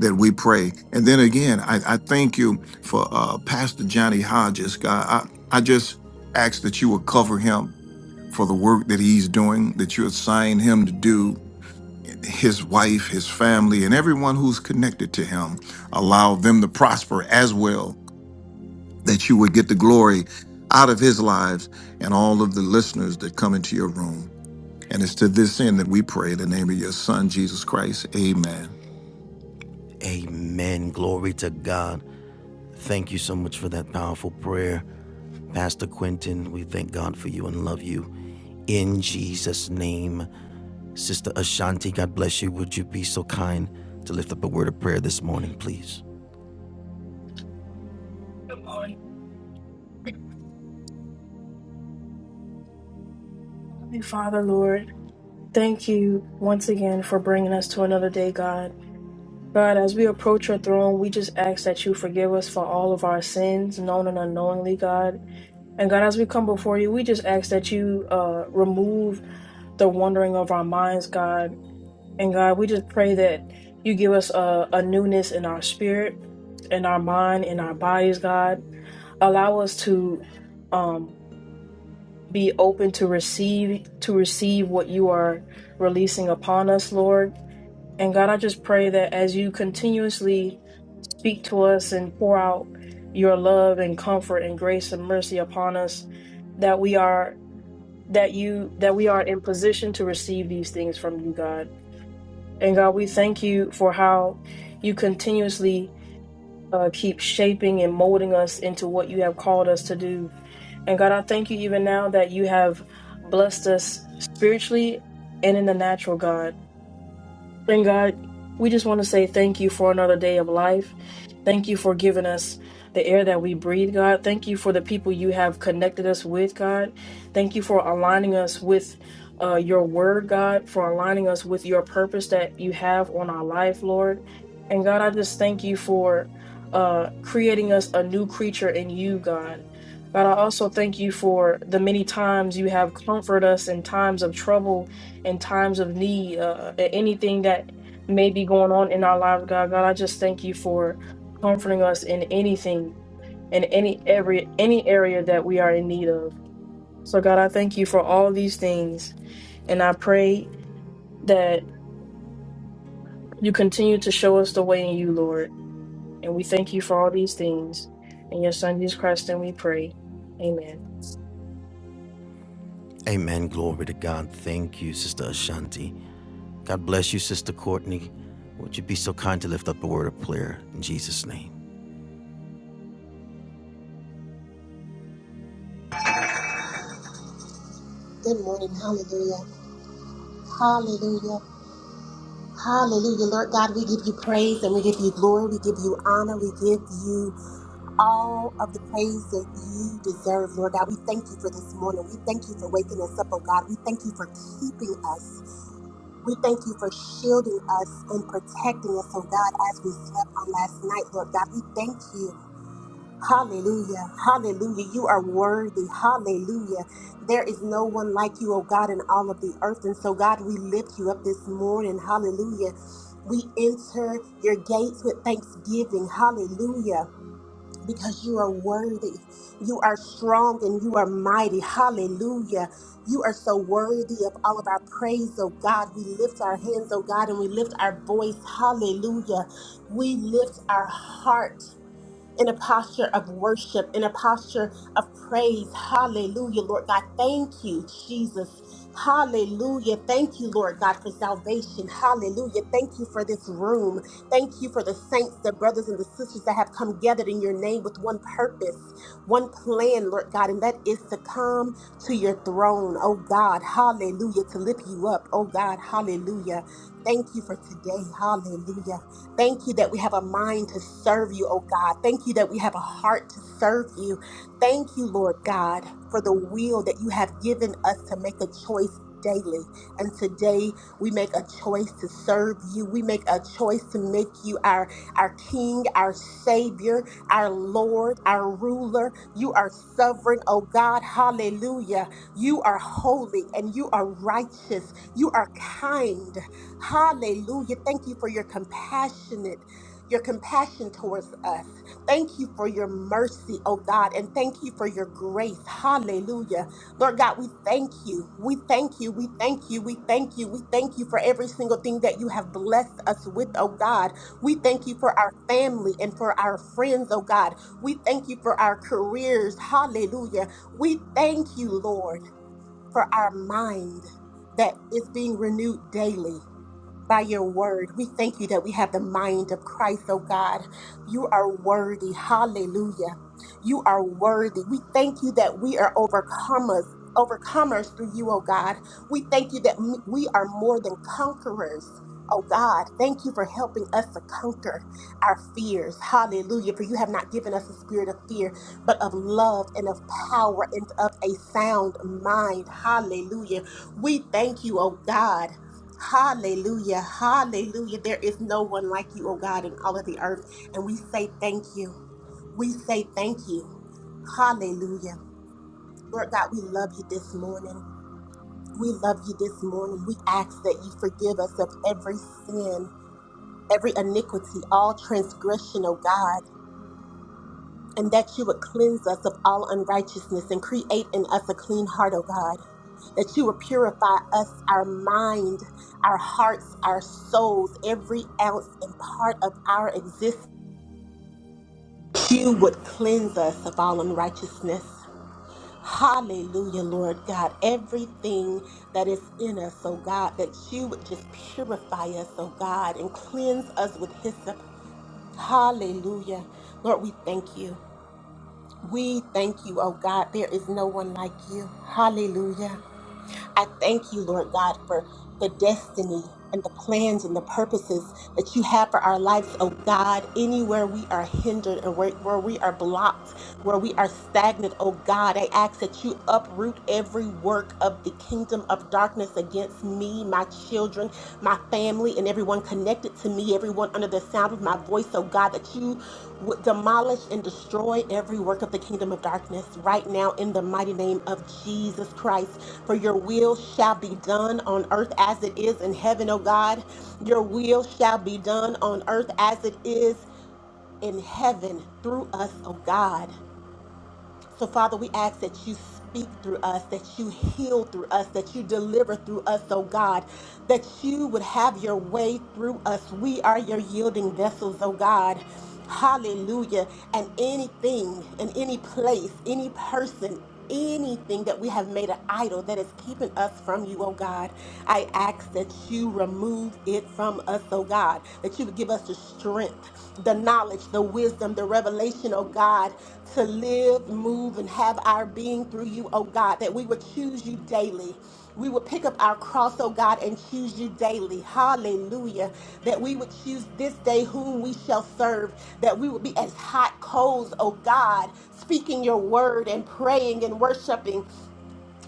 that we pray. And then again, I, I thank you for uh, Pastor Johnny Hodges, God. I, I just ask that you would cover him for the work that he's doing, that you assign him to do, his wife, his family, and everyone who's connected to him. Allow them to prosper as well, that you would get the glory out of his lives and all of the listeners that come into your room. And it's to this end that we pray in the name of your son, Jesus Christ. Amen.
Amen. Glory to God. Thank you so much for that powerful prayer, Pastor Quentin. We thank God for you and love you. In Jesus' name, Sister Ashanti, God bless you. Would you be so kind to lift up a word of prayer this morning, please?
Good morning. Heavenly Father, Lord, thank you once again for bringing us to another day, God. God, as we approach your throne, we just ask that you forgive us for all of our sins, known and unknowingly, God. And God, as we come before you, we just ask that you uh, remove the wandering of our minds, God. And God, we just pray that you give us a, a newness in our spirit, in our mind, in our bodies, God. Allow us to. Um, be open to receive to receive what you are releasing upon us lord and god i just pray that as you continuously speak to us and pour out your love and comfort and grace and mercy upon us that we are that you that we are in position to receive these things from you god and god we thank you for how you continuously uh, keep shaping and molding us into what you have called us to do. And God, I thank you even now that you have blessed us spiritually and in the natural, God. Thank God. We just want to say thank you for another day of life. Thank you for giving us the air that we breathe, God. Thank you for the people you have connected us with, God. Thank you for aligning us with uh, your word, God, for aligning us with your purpose that you have on our life, Lord. And God, I just thank you for uh, creating us a new creature in you, God. God, I also thank you for the many times you have comforted us in times of trouble in times of need, uh, a- anything that may be going on in our lives, God. God, I just thank you for comforting us in anything, in any every any area that we are in need of. So, God, I thank you for all these things, and I pray that you continue to show us the way in you, Lord. And we thank you for all these things. In your Son, Jesus Christ, and we pray. Amen.
Amen. Glory to God. Thank you, Sister Ashanti. God bless you, Sister Courtney. Would you be so kind to lift up a word of prayer in Jesus' name?
Good morning. Hallelujah. Hallelujah. Hallelujah. Lord God, we give you praise and we give you glory. We give you honor. We give you all of the praise that you deserve, Lord God. We thank you for this morning. We thank you for waking us up, oh God. We thank you for keeping us. We thank you for shielding us and protecting us, oh God, as we slept on last night, Lord God. We thank you Hallelujah. Hallelujah. You are worthy. Hallelujah. There is no one like you, oh God, in all of the earth. And so, God, we lift you up this morning. Hallelujah. We enter your gates with thanksgiving. Hallelujah. Because you are worthy. You are strong and you are mighty. Hallelujah. You are so worthy of all of our praise, oh God. We lift our hands, oh God, and we lift our voice. Hallelujah. We lift our heart in a posture of worship, in a posture of praise. Hallelujah, Lord God. Thank you, Jesus. Hallelujah. Thank you, Lord God, for salvation. Hallelujah. Thank you for this room. Thank you for the saints, the brothers and the sisters that have come gathered in your name with one purpose, one plan, Lord God, and that is to come to your throne, oh God. Hallelujah. To lift you up, oh God. Hallelujah. Thank you for today. Hallelujah. Thank you that we have a mind to serve you, oh God. Thank you that we have a heart to serve you. Thank you, Lord God, for the will that you have given us to make a choice daily. And today we make a choice to serve you. We make a choice to make you our our king, our savior, our lord, our ruler. You are sovereign, oh God. Hallelujah. You are holy and you are righteous gracious. You are kind. Hallelujah. Thank you for your compassionate, your compassion towards us. Thank you for your mercy, oh God, and thank you for your grace. Hallelujah. Lord God, we thank you. We thank you. We thank you. We thank you. We thank you for every single thing that you have blessed us with, oh God. We thank you for our family and for our friends, oh God. We thank you for our careers. Hallelujah. We thank you, Lord for our mind that is being renewed daily by your word. We thank you that we have the mind of Christ, oh God. You are worthy. Hallelujah. You are worthy. We thank you that we are overcomers. Overcomers through you, oh God. We thank you that m- we are more than conquerors, oh God. Thank you for helping us to conquer our fears. Hallelujah. For you have not given us a spirit of fear, but of love and of power and of a sound mind. Hallelujah. We thank you, oh God. Hallelujah. Hallelujah. There is no one like you, oh God, in all of the earth. And we say thank you. We say thank you. Hallelujah. Lord God, we love you this morning. We love you this morning. We ask that you forgive us of every sin, every iniquity, all transgression, oh God. and that you would cleanse us of all unrighteousness and create in us a clean heart, O God. That you would purify us, our mind, our hearts, our souls, every ounce and part of our existence. You would cleanse us of all unrighteousness. Hallelujah, Lord God. Everything that is in us, oh God, that you would just purify us, oh God, and cleanse us with hyssop. Hallelujah. Lord, we thank you. We thank you, oh God. There is no one like you. Hallelujah. I thank you, Lord God, for the destiny and the plans and the purposes that you have for our lives, oh God. Anywhere we are hindered and where, where we are blocked, where we are stagnant, oh God, I ask that you uproot every work of the kingdom of darkness against me, my children, my family family and everyone connected to me, everyone under the sound of my voice, oh God, that you would demolish and destroy every work of the kingdom of darkness right now in the mighty name of Jesus Christ. For your will shall be done on earth as it is in heaven, oh God. Your will shall be done on earth as it is in heaven through us, oh God. So, Father, we ask that you speak through us, that you heal through us, that you deliver through us, oh God, that you would have your way through us. We are your yielding vessels, oh God. Hallelujah. And anything and any place, any person, anything that we have made an idol that is keeping us from you, oh God. I ask that you remove it from us, oh God, that you would give us the strength, the knowledge, the wisdom, the revelation, oh God, to live, move, and have our being through you, oh God, that we would choose you daily we would pick up our cross, oh God, and choose you daily. Hallelujah. That we would choose this day whom we shall serve. That we would be as hot coals, oh God, speaking your word and praying and worshiping.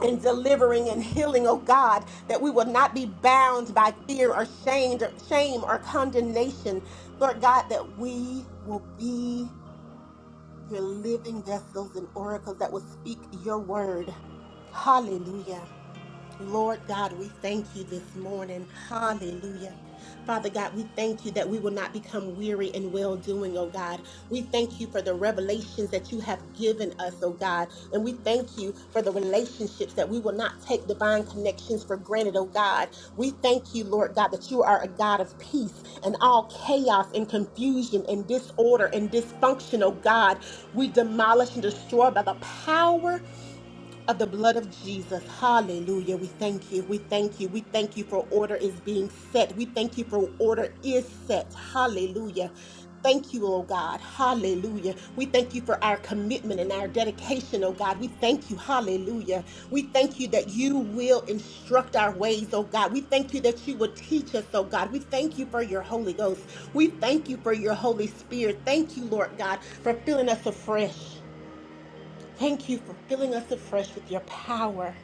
And delivering and healing, oh God, that we will not be bound by fear or shame or, shame or condemnation. Lord God, that we will be your living vessels and oracles that will speak your word. Hallelujah. Lord God, we thank you this morning. Hallelujah. Father God, we thank you that we will not become weary in well doing, oh God. We thank you for the revelations that you have given us, oh God. And we thank you for the relationships that we will not take divine connections for granted, oh God. We thank you, Lord God, that you are a God of peace and all chaos and confusion and disorder and dysfunction, oh God. We demolish and destroy by the power of the blood of Jesus. Hallelujah. We thank you. We thank you. We thank you for order is being set. We thank you for order is set. Hallelujah. Thank you, oh God. Hallelujah. We thank you for our commitment and our dedication, oh God. We thank you. Hallelujah. We thank you that you will instruct our ways, oh God. We thank you that you will teach us, oh God. We thank you for your Holy Ghost. We thank you for your Holy Spirit. Thank you, Lord God, for filling us afresh. Thank you for filling us afresh with your power.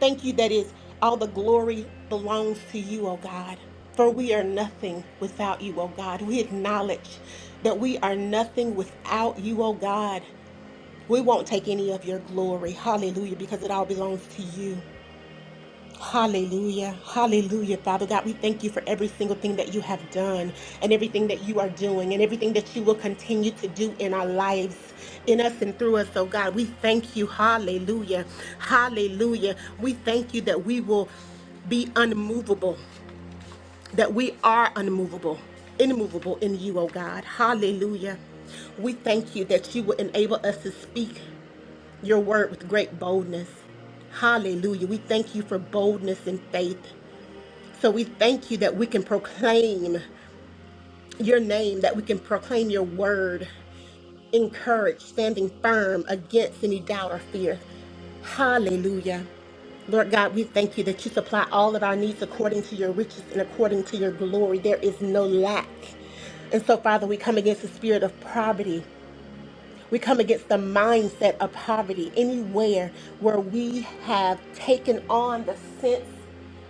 Thank you that is all the glory belongs to you, O God. For we are nothing without you, O God. We acknowledge that we are nothing without you, O God. We won't take any of your glory. Hallelujah, because it all belongs to you. Hallelujah. Hallelujah. Father God, we thank you for every single thing that you have done and everything that you are doing and everything that you will continue to do in our lives, in us and through us. Oh God, we thank you. Hallelujah. Hallelujah. We thank you that we will be unmovable, that we are unmovable, immovable in you, oh God. Hallelujah. We thank you that you will enable us to speak your word with great boldness. Hallelujah. We thank you for boldness and faith. So we thank you that we can proclaim your name, that we can proclaim your word, encourage, standing firm against any doubt or fear. Hallelujah. Lord God, we thank you that you supply all of our needs according to your riches and according to your glory. There is no lack. And so, Father, we come against the spirit of poverty. We come against the mindset of poverty anywhere where we have taken on the sense,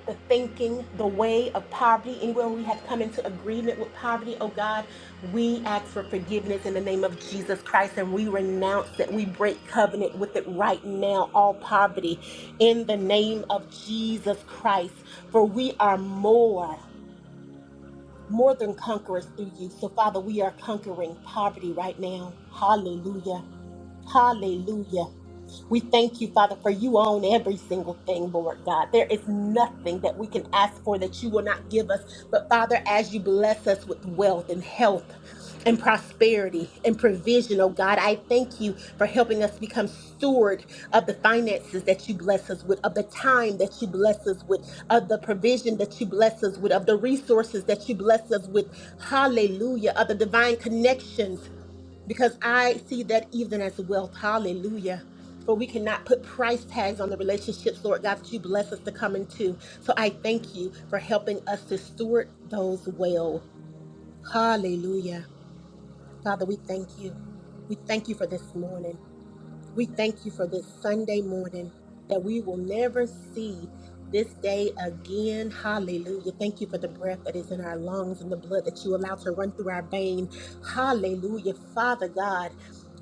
the thinking, the way of poverty, anywhere we have come into agreement with poverty, oh God, we ask for forgiveness in the name of Jesus Christ and we renounce it. We break covenant with it right now, all poverty, in the name of Jesus Christ. For we are more more than conquerors through you. So, Father, we are conquering poverty right now. Hallelujah. Hallelujah. We thank you, Father, for you own every single thing, Lord God. There is nothing that we can ask for that you will not give us. But Father, as you bless us with wealth and health and prosperity and provision, oh God, I thank you for helping us become steward of the finances that you bless us with, of the time that you bless us with, of the provision that you bless us with, of the resources that you bless us with. Hallelujah. Of the divine connections because I see that even as wealth. Hallelujah. For we cannot put price tags on the relationships, Lord God, that you bless us to come into. So I thank you for helping us to steward those well. Hallelujah. Father, we thank you. We thank you for this morning. We thank you for this Sunday morning that we will never see this day again. Hallelujah. Thank you for the breath that is in our lungs and the blood that you allow to run through our vein. Hallelujah. Father God,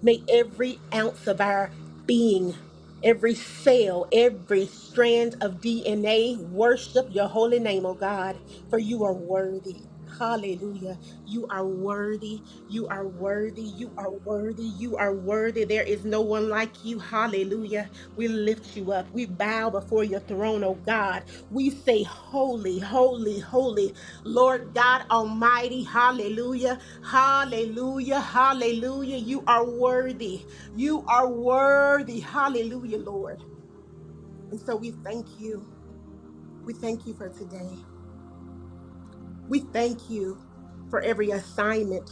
may every ounce of our being every cell, every strand of DNA. Worship your holy name, oh God, for you are worthy. Hallelujah. You are worthy. You are worthy. You are worthy. You are worthy. There is no one like you. Hallelujah. We lift you up. We bow before your throne, oh God. We say, Holy, holy, holy, Lord God Almighty. Hallelujah. Hallelujah. Hallelujah. You are worthy. You are worthy. Hallelujah, Lord. And so we thank you. We thank you for today. We thank you for every assignment.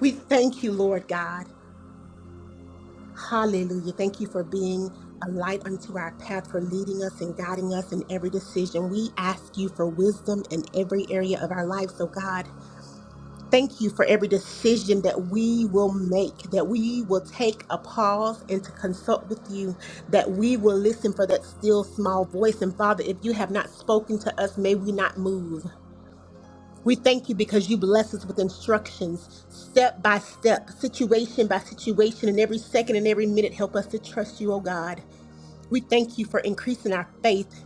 We thank you, Lord God. Hallelujah. Thank you for being a light unto our path, for leading us and guiding us in every decision. We ask you for wisdom in every area of our life. So, God, thank you for every decision that we will make, that we will take a pause and to consult with you, that we will listen for that still small voice. And, Father, if you have not spoken to us, may we not move. We thank you because you bless us with instructions, step by step, situation by situation, and every second and every minute, help us to trust you, O God. We thank you for increasing our faith,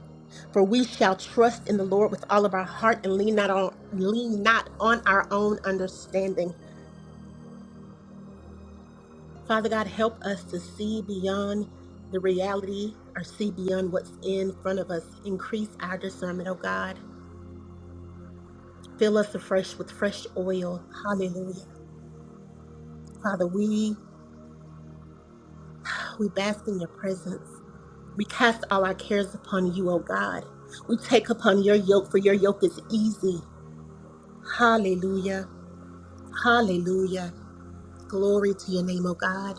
for we shall trust in the Lord with all of our heart and lean not on lean not on our own understanding. Father God, help us to see beyond the reality or see beyond what's in front of us. Increase our discernment, O God. Fill us afresh with fresh oil. Hallelujah. Father, we We bask in your presence. We cast all our cares upon you, O God. We take upon your yoke, for your yoke is easy. Hallelujah. Hallelujah. Glory to your name, O God.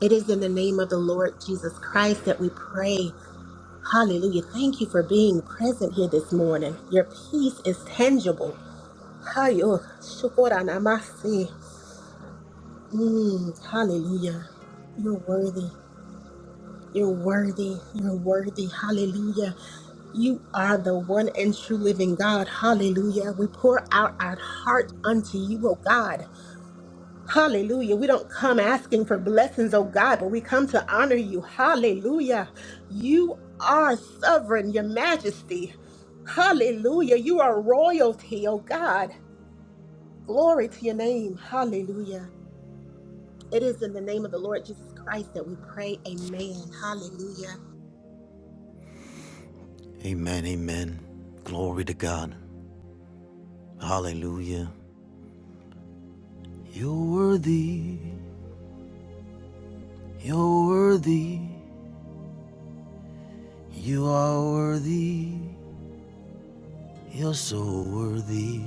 It is in the name of the Lord Jesus Christ that we pray. Hallelujah. Thank you for being present here this morning. Your peace is tangible. Hayo, shukura namasi. Hallelujah. You're worthy. You're worthy. You're worthy. Hallelujah. You are the one and true living God. Hallelujah. We pour out our heart unto you, oh God. Hallelujah. We don't come asking for blessings, oh God, but we come to honor you. Hallelujah. You are sovereign, your majesty. Hallelujah. You are royalty, oh God. Glory to your name. Hallelujah. It is in the name of the Lord Jesus Christ that we pray. Amen. Hallelujah.
Amen, amen. Glory to God. Hallelujah. You're worthy. You're worthy. You are worthy. You're so worthy.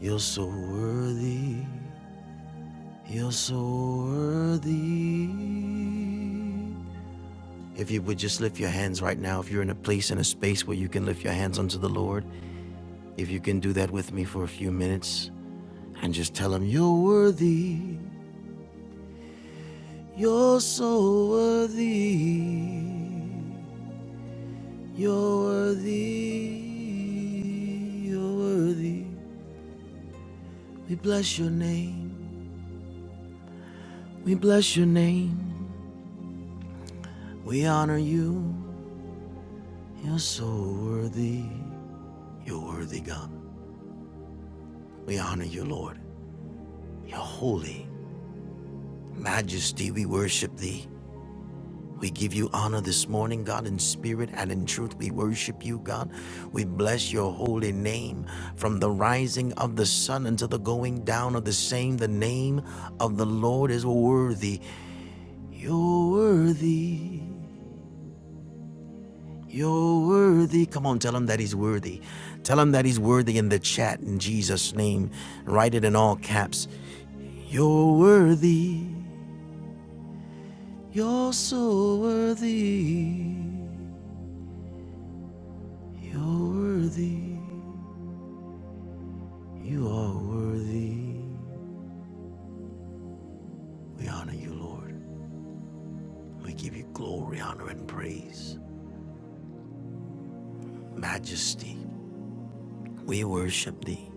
You're so worthy. You're so worthy. If you would just lift your hands right now, if you're in a place, in a space where you can lift your hands unto the Lord, if you can do that with me for a few minutes and just tell Him, You're worthy. You're so worthy. You're worthy. You're worthy. We bless your name. We bless your name. We honor you. You're so worthy. You're worthy, God. We honor you, Lord. You're holy. Majesty, we worship thee. We give you honor this morning, God, in spirit and in truth. We worship you, God. We bless your holy name from the rising of the sun until the going down of the same. The name of the Lord is worthy. You're worthy. You're worthy. Come on, tell him that he's worthy. Tell him that he's worthy in the chat in Jesus' name. Write it in all caps. You're worthy. You're so worthy. You're worthy. You are worthy. We honor you, Lord. We give you glory, honor, and praise. Majesty, we worship thee.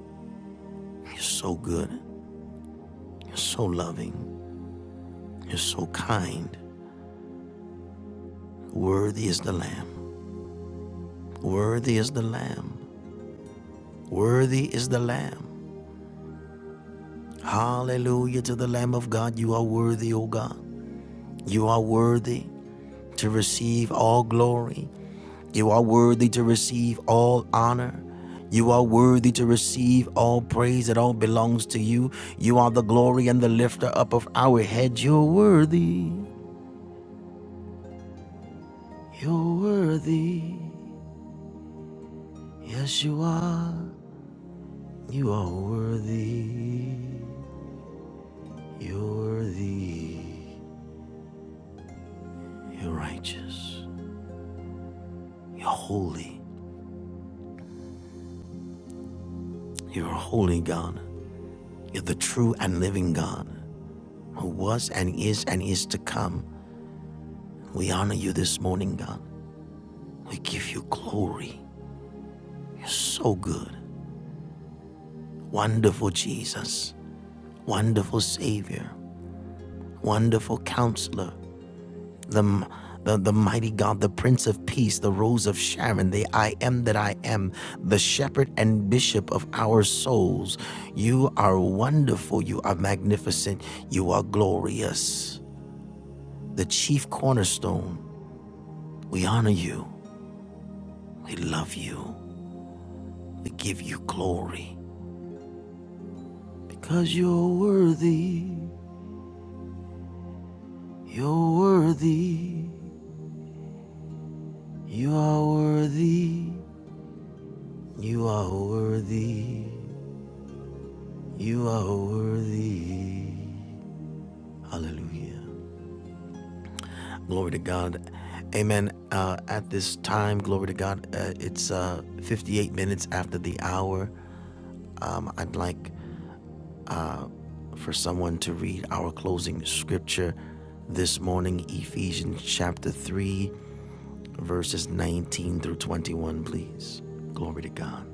You're so good. You're so loving. You're so kind. Worthy is the Lamb. Worthy is the Lamb. Worthy is the Lamb. Hallelujah to the Lamb of God. You are worthy, O God. You are worthy to receive all glory. You are worthy to receive all honor. You are worthy to receive all praise. It all belongs to you. You are the glory and the lifter up of our head. You're worthy. You're worthy. Yes, you are. You are worthy. You're worthy. You're righteous. You're holy. You're a holy God. You're the true and living God who was and is and is to come. We honor you this morning, God. We give you glory. You're so good. Wonderful Jesus. Wonderful Savior. Wonderful Counselor. The, the, the mighty God, the Prince of Peace, the Rose of Sharon, the I am that I am, the Shepherd and Bishop of our souls. You are wonderful. You are magnificent. You are glorious. The chief cornerstone. We honor you. We love you. We give you glory because you're worthy. You're worthy. You are worthy. You are worthy. You are worthy. Hallelujah. Glory to God. Amen. Uh, at this time, glory to God. Uh, it's uh, 58 minutes after the hour. Um, I'd like for someone to read our closing scripture this morning, Ephesians chapter 3, verses 19 through 21, please. Glory to God.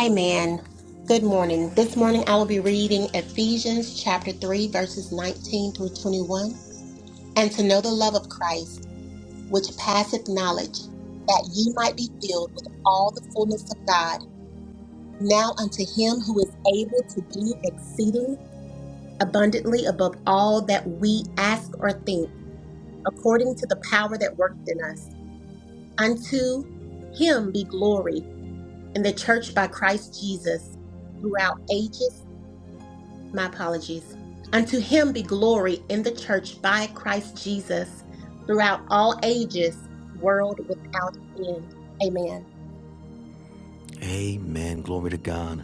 Amen. Good morning. This morning I will be reading Ephesians chapter 3, verses 19 through 21. And to know the love of Christ, which passeth knowledge, that ye might be filled with all the fullness of God. Now unto him who is able to do exceeding abundantly above all that we ask or think, according to the power that worketh in us. Unto him be glory in the church by Christ Jesus throughout ages my apologies. Unto him be glory in the church by Christ Jesus throughout all ages, world without end. Amen.
Amen. Glory to God.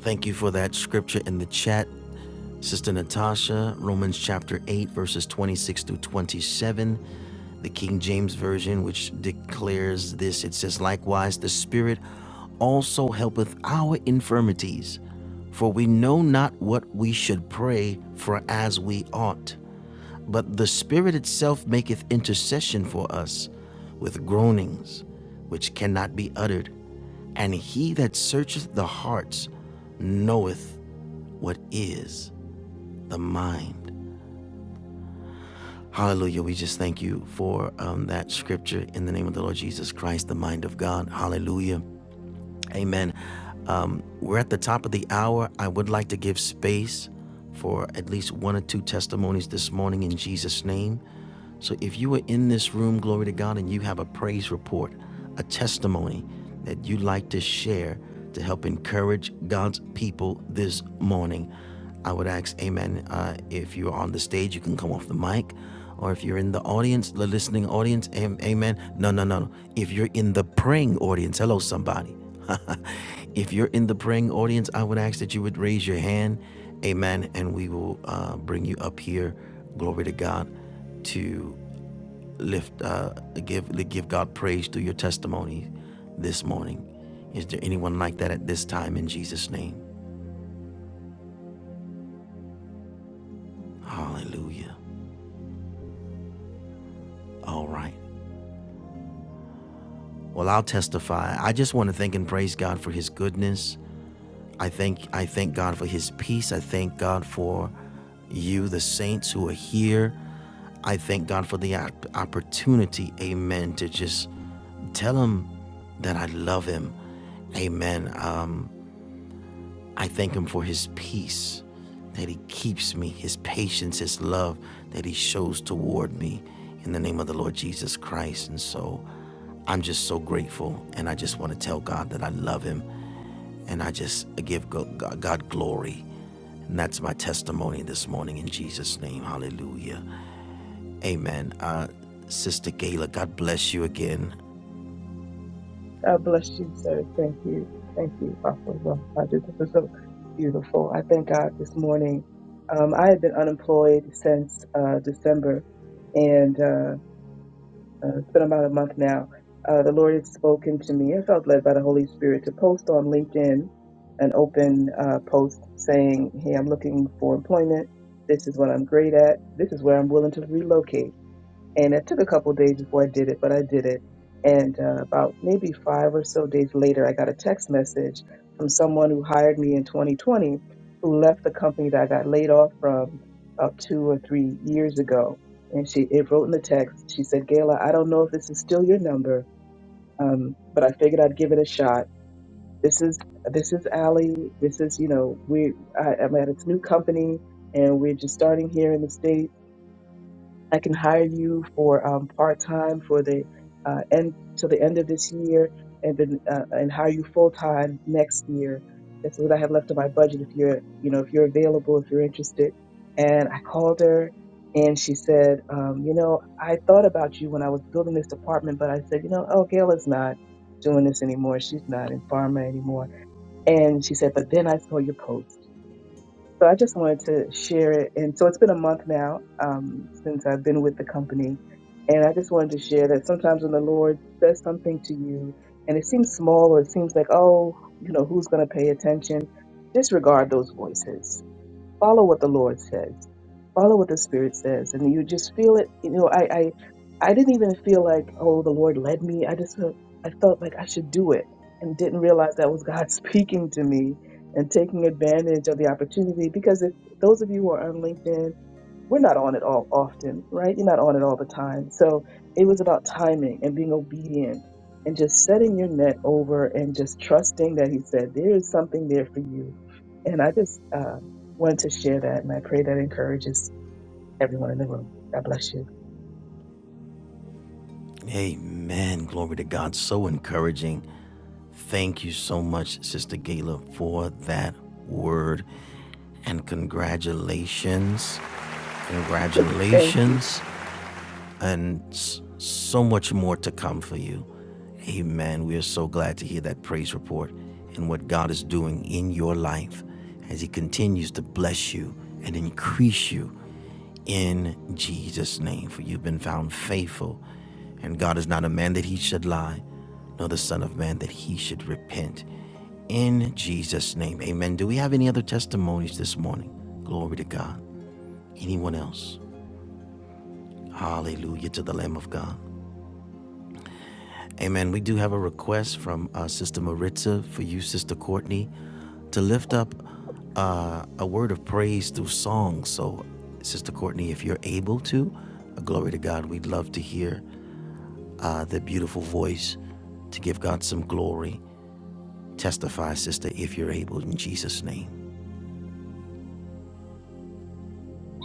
Thank you for that scripture in the chat. Sister Natasha, Romans chapter 8, verses 26 through 27, the King James Version, which declares this it says, Likewise, the Spirit also helpeth our infirmities, for we know not what we should pray for as we ought. But the Spirit itself maketh intercession for us with groanings which cannot be uttered. And he that searcheth the hearts knoweth what is the mind. Hallelujah. We just thank you for um, that scripture in the name of the Lord Jesus Christ, the mind of God. Hallelujah. Amen. Um, we're at the top of the hour. I would like to give space for at least one or two testimonies this morning in Jesus' name. So if you are in this room, glory to God, and you have a praise report, a testimony that you'd like to share to help encourage God's people this morning, I would ask, Amen. Uh, if you're on the stage, you can come off the mic. Or if you're in the audience, the listening audience, Amen. No, no, no, no. If you're in the praying audience, hello, somebody. if you're in the praying audience, I would ask that you would raise your hand, Amen. And we will uh, bring you up here. Glory to God to lift, uh, give, give God praise through your testimony this morning. Is there anyone like that at this time in Jesus' name? Hallelujah. All right. Well, I'll testify. I just want to thank and praise God for his goodness. I thank I thank God for his peace. I thank God for you the saints who are here. I thank God for the opportunity, amen, to just tell him that I love him. Amen. Um I thank Him for His peace that He keeps me, His patience, His love that He shows toward me in the name of the Lord Jesus Christ. And so I'm just so grateful. And I just want to tell God that I love Him and I just give God God glory. And that's my testimony this morning in Jesus' name. Hallelujah. Amen. Uh, Sister Gayla, God bless you again.
God bless you, sir. Thank you. Thank you, Papa. Well, I just- This is so beautiful. I thank God this morning. Um, I had been unemployed since uh, December, and uh, uh, it's been about a month now. Uh, the Lord had spoken to me. I felt led by the Holy Spirit to post on LinkedIn an open uh, post saying, Hey, I'm looking for employment. This is what I'm great at. This is where I'm willing to relocate and it took a couple days before I did it, but I did it. And uh, about maybe five or so days later, I got a text message from someone who hired me in 2020, who left the company that I got laid off from about two or three years ago. And she it wrote in the text. She said, "Gayla, I don't know if this is still your number, um, but I figured I'd give it a shot. This is this is Allie. This is you know we I, I'm at a new company." And we're just starting here in the States I can hire you for um, part time for the uh, end till the end of this year, and then uh, and hire you full time next year. That's what I have left in my budget. If you're you know if you're available, if you're interested, and I called her, and she said, um, you know, I thought about you when I was building this department, but I said, you know, oh, Gail is not doing this anymore. She's not in pharma anymore. And she said, but then I saw your post. So I just wanted to share it. And so it's been a month now um, since I've been with the company. And I just wanted to share that sometimes when the Lord says something to you and it seems small or it seems like, oh, you know, who's going to pay attention? Disregard those voices follow what the Lord says, follow what the Spirit says, and you just feel it. You know, I I, I didn't even feel like oh the Lord led me. I just felt, I felt like I should do it, and didn't realize that was God speaking to me and taking advantage of the opportunity. Because if those of you who are on LinkedIn we're not on it all often, right? You're not on it all the time. So it was about timing and being obedient and just setting your net over and just trusting that He said, there is something there for you. And I just uh, wanted to share that. And I pray that encourages everyone in the room. God bless you.
Amen. Glory to God. So encouraging Thank you so much, Sister Gayla, for that word. And congratulations.
Thank you.
Congratulations. And so much more to come for you. Amen. We are so glad to hear that praise report and what God is doing in your life as He continues to bless you and increase you in Jesus' name. For you've been found faithful, and God is not a man that he should lie, nor the Son of Man that he should repent. In Jesus' name, amen. Do we have any other testimonies this morning? Glory to God. Anyone else? Hallelujah to the Lamb of God. Amen. We do have a request from uh, Sister Maritza for you, Sister Courtney, to lift up uh, a word of praise through song. So, Sister Courtney, if you're able to, uh, glory to God, we'd love to hear uh, the beautiful voice to give God some glory. Testify, sister, if you're able, in Jesus' name.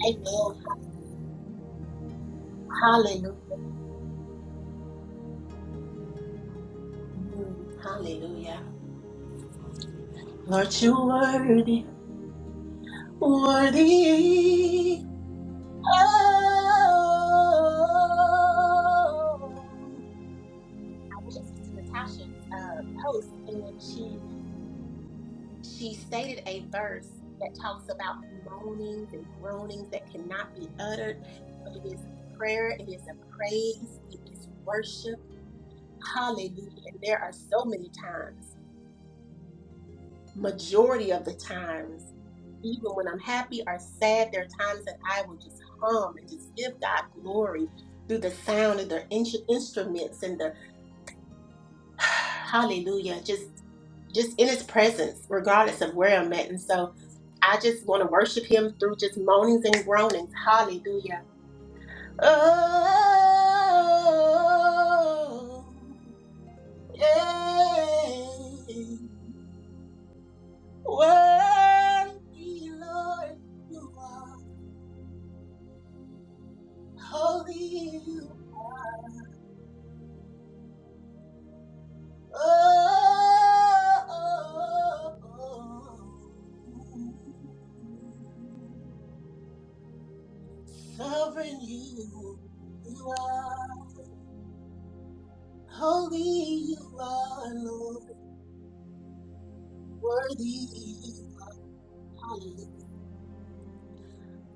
Amen. Hallelujah. Hallelujah. Lord, you're worthy. Worthy. Oh. I went to Sister Natasha's uh, post, and she she stated a verse that talks about moanings and groanings that cannot be uttered, but it is a prayer, it is a praise, it is worship. Hallelujah. And there are so many times, majority of the times, even when I'm happy or sad, there are times that I will just hum and just give God glory through the sound of the in- instruments and the hallelujah, just just in his presence, regardless of where I'm at. And so I just want to worship him through just moanings and groanings. Hallelujah. Oh, yeah. Worthy, Lord, you are holy. Oh, Sovereign you, you are. Holy you are, Lord, worthy. Hallelujah.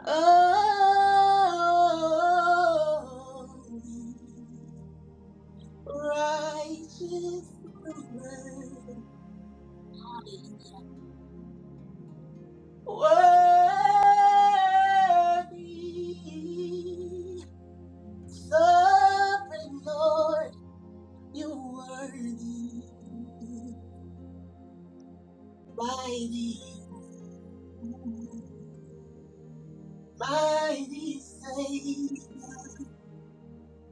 Oh, righteous ruler. Worthy, sovereign Lord, you worthy. Mighty, mighty Savior.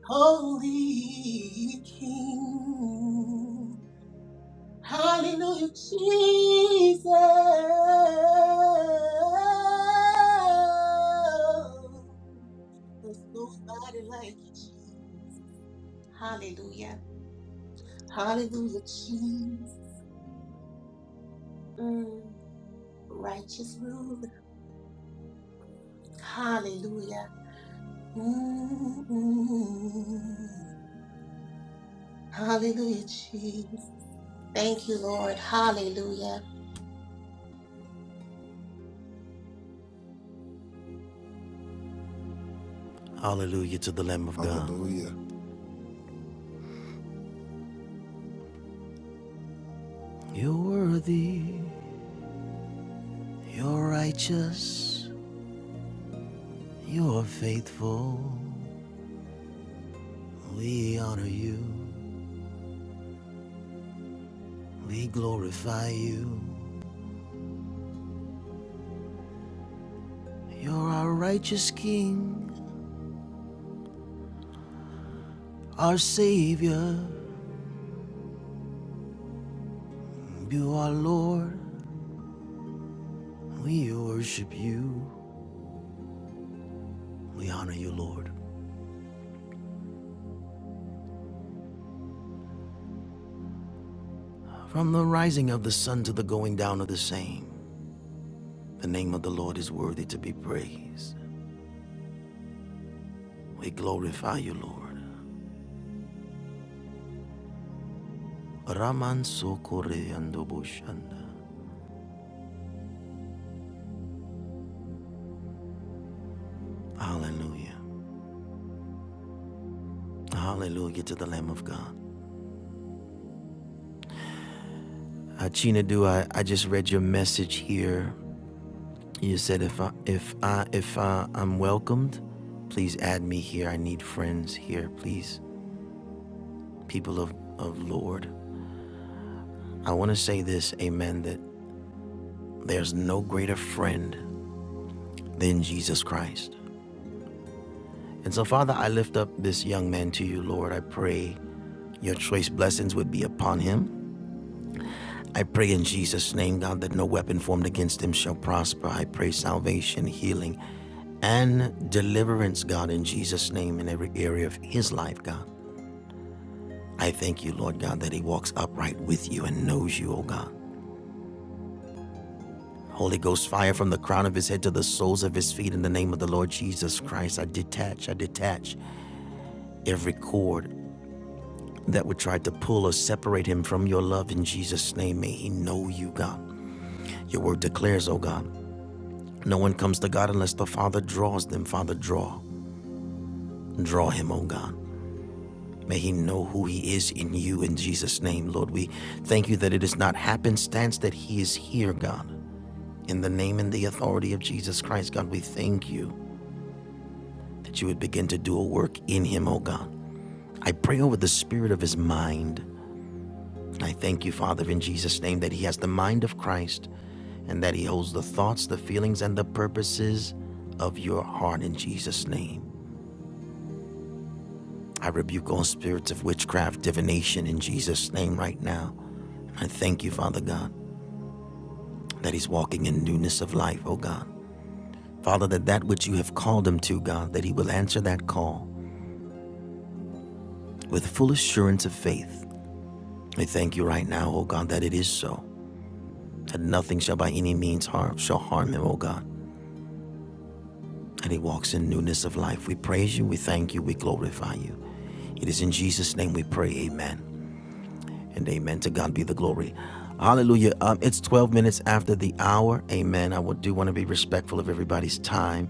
Holy King. Hallelujah, Jesus. There's nobody like you, Jesus. Hallelujah. Hallelujah, Jesus. Mm, righteous ruler. Hallelujah. Mm-mm. Hallelujah, Jesus. Thank you, Lord. Hallelujah.
Hallelujah to the Lamb of God.
Hallelujah.
You're worthy, you're righteous, you're faithful. We honor you, we glorify you. You're our righteous King, our Savior. You are Lord, we worship you. We honor you, Lord. From the rising of the sun to the going down of the same. The name of the Lord is worthy to be praised. We glorify you, Lord. Hallelujah. Hallelujah to the Lamb of God. Achina do I, I just read your message here. You said if I if I if I, I'm welcomed, please add me here. I need friends here, please. People of, of Lord. I want to say this, amen, that there's no greater friend than Jesus Christ. And so, Father, I lift up this young man to you, Lord. I pray your choice blessings would be upon him. I pray in Jesus' name, God, that no weapon formed against him shall prosper. I pray salvation, healing, and deliverance, God, in Jesus' name, in every area of his life, God. I thank you, Lord God, that he walks upright with you and knows you, O God. Holy Ghost, fire from the crown of his head to the soles of his feet in the name of the Lord Jesus Christ. I detach, I detach every cord that would try to pull or separate him from your love in Jesus' name. May he know you, God. Your word declares, oh God, no one comes to God unless the Father draws them. Father, draw. Draw him, oh God. May he know who he is in you in Jesus' name, Lord. We thank you that it is not happenstance that he is here, God. In the name and the authority of Jesus Christ, God, we thank you that you would begin to do a work in him, oh God. I pray over the spirit of his mind. I thank you, Father, in Jesus' name, that he has the mind of Christ and that He holds the thoughts, the feelings, and the purposes of your heart in Jesus' name. I rebuke all spirits of witchcraft, divination in Jesus' name right now. I thank you, Father God, that He's walking in newness of life, oh God. Father, that that which you have called Him to, God, that He will answer that call with full assurance of faith. I thank you right now, oh God, that it is so, that nothing shall by any means harm shall harm Him, oh God. and he walks in newness of life. We praise you, we thank you, we glorify you. It is in Jesus' name we pray, amen. And amen. To God be the glory. Hallelujah. Um, it's 12 minutes after the hour. Amen. I do want to be respectful of everybody's time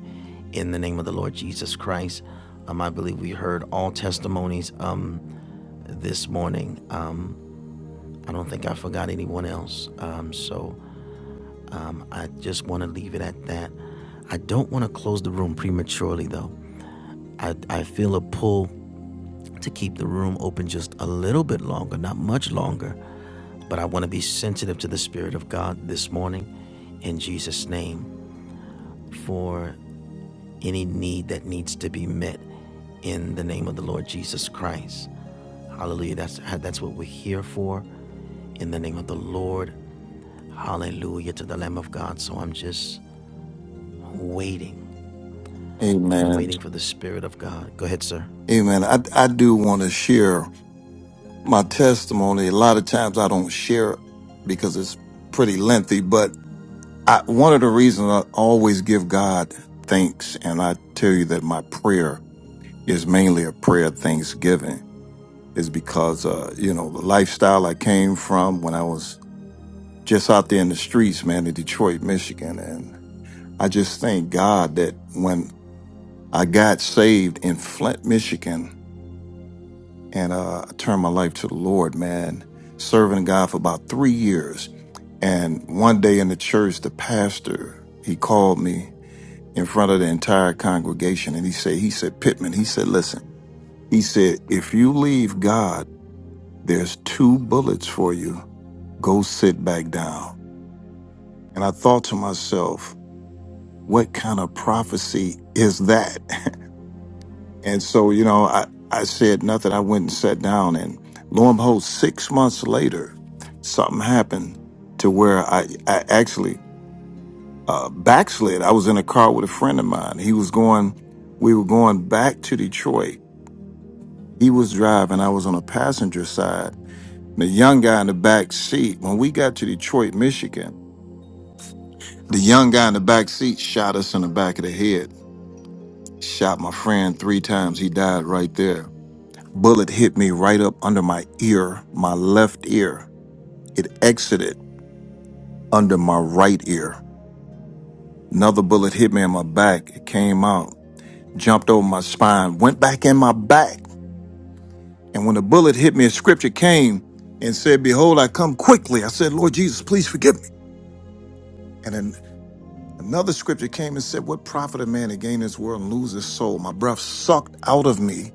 in the name of the Lord Jesus Christ. Um, I believe we heard all testimonies um, this morning. Um, I don't think I forgot anyone else. Um, so um, I just want to leave it at that. I don't want to close the room prematurely, though. I, I feel a pull to keep the room open just a little bit longer, not much longer. But I want to be sensitive to the Spirit of God this morning in Jesus' name for any need that needs to be met in the name of the Lord Jesus Christ. Hallelujah. That's, that's what we're here for in the name of the Lord. Hallelujah to the Lamb of God. So I'm just waiting. I'm
Amen.
waiting for the Spirit of God. Go ahead, sir.
Amen. I, I do want to share my testimony. A lot of times I don't share because it's pretty lengthy, but I, one of the reasons I always give God thanks, and I tell you that my prayer is mainly a prayer of thanksgiving, is because, uh, you know, the lifestyle I came from when I was just out there in the streets, man, in Detroit, Michigan. And I just thank God that when I got saved in Flint, Michigan, and uh, I turned my life to the Lord, man, serving God for about three years. And one day in the church, the pastor, he called me in front of the entire congregation. And he said, he said, Pittman, he said, listen, he said, if you leave God, there's two bullets for you. Go sit back down. And I thought to myself, what kind of prophecy is that? and so, you know, I, I said nothing. I went and sat down and lo and behold, six months later, something happened to where I, I actually uh, backslid. I was in a car with a friend of mine. He was going, we were going back to Detroit He was driving. I was on a passenger side. The young guy in the back seat. When we got to Detroit, Michigan, the young guy in the back seat shot us in the back of the head. Shot my friend three times. He died right there. Bullet hit me right up under my ear, my left ear. It exited under my right ear. Another bullet hit me in my back. It came out, jumped over my spine, went back in my back. And when the bullet hit me, a scripture came and said, Behold, I come quickly. I said, Lord Jesus, please forgive me. And then another scripture came and said, What profit a man to gain this world and lose his soul? My breath sucked out of me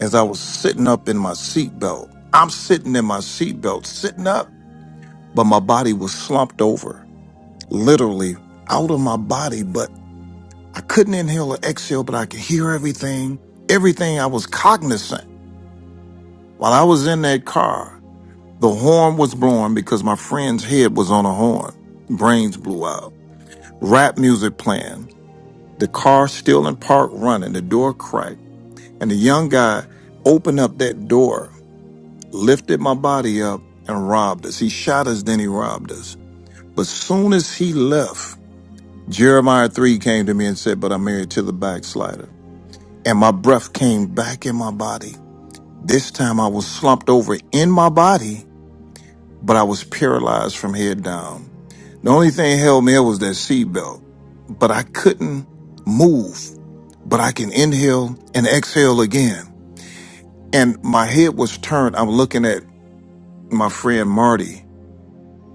as I was sitting up in my seatbelt. I'm sitting in my seatbelt, sitting up, but my body was slumped over, literally out of my body. But I couldn't inhale or exhale, but I could hear everything, everything I was cognizant. While I was in that car, the horn was blowing because my friend's head was on a horn. Brains blew out. Rap music playing the car still in park running, the door cracked, and the young guy opened up that door, lifted my body up, and robbed us. He shot us, then he robbed us. But soon as he left, Jeremiah 3 came to me and said, But I'm married to the backslider. And my breath came back in my body. This time I was slumped over in my body but I was paralyzed from head down. The only thing held me up was that seatbelt, but I couldn't move, but I can inhale and exhale again. And my head was turned. I'm looking at my friend Marty.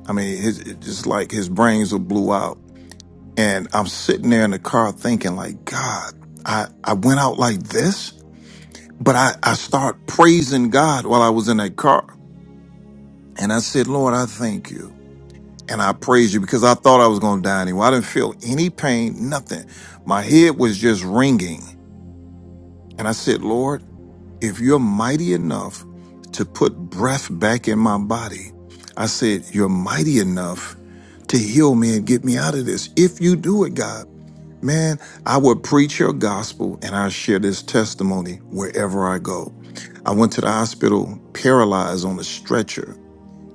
I mean, his, it just like his brains were blew out. And I'm sitting there in the car thinking like, God, I, I went out like this, but I, I start praising God while I was in that car. And I said, Lord, I thank you. and I praise you because I thought I was going to die anyway. I didn't feel any pain, nothing. My head was just ringing. And I said, Lord, if you're mighty enough to put breath back in my body, I said, you're mighty enough to heal me and get me out of this. If you do it, God, man, I would preach your gospel and I share this testimony wherever I go. I went to the hospital paralyzed on a stretcher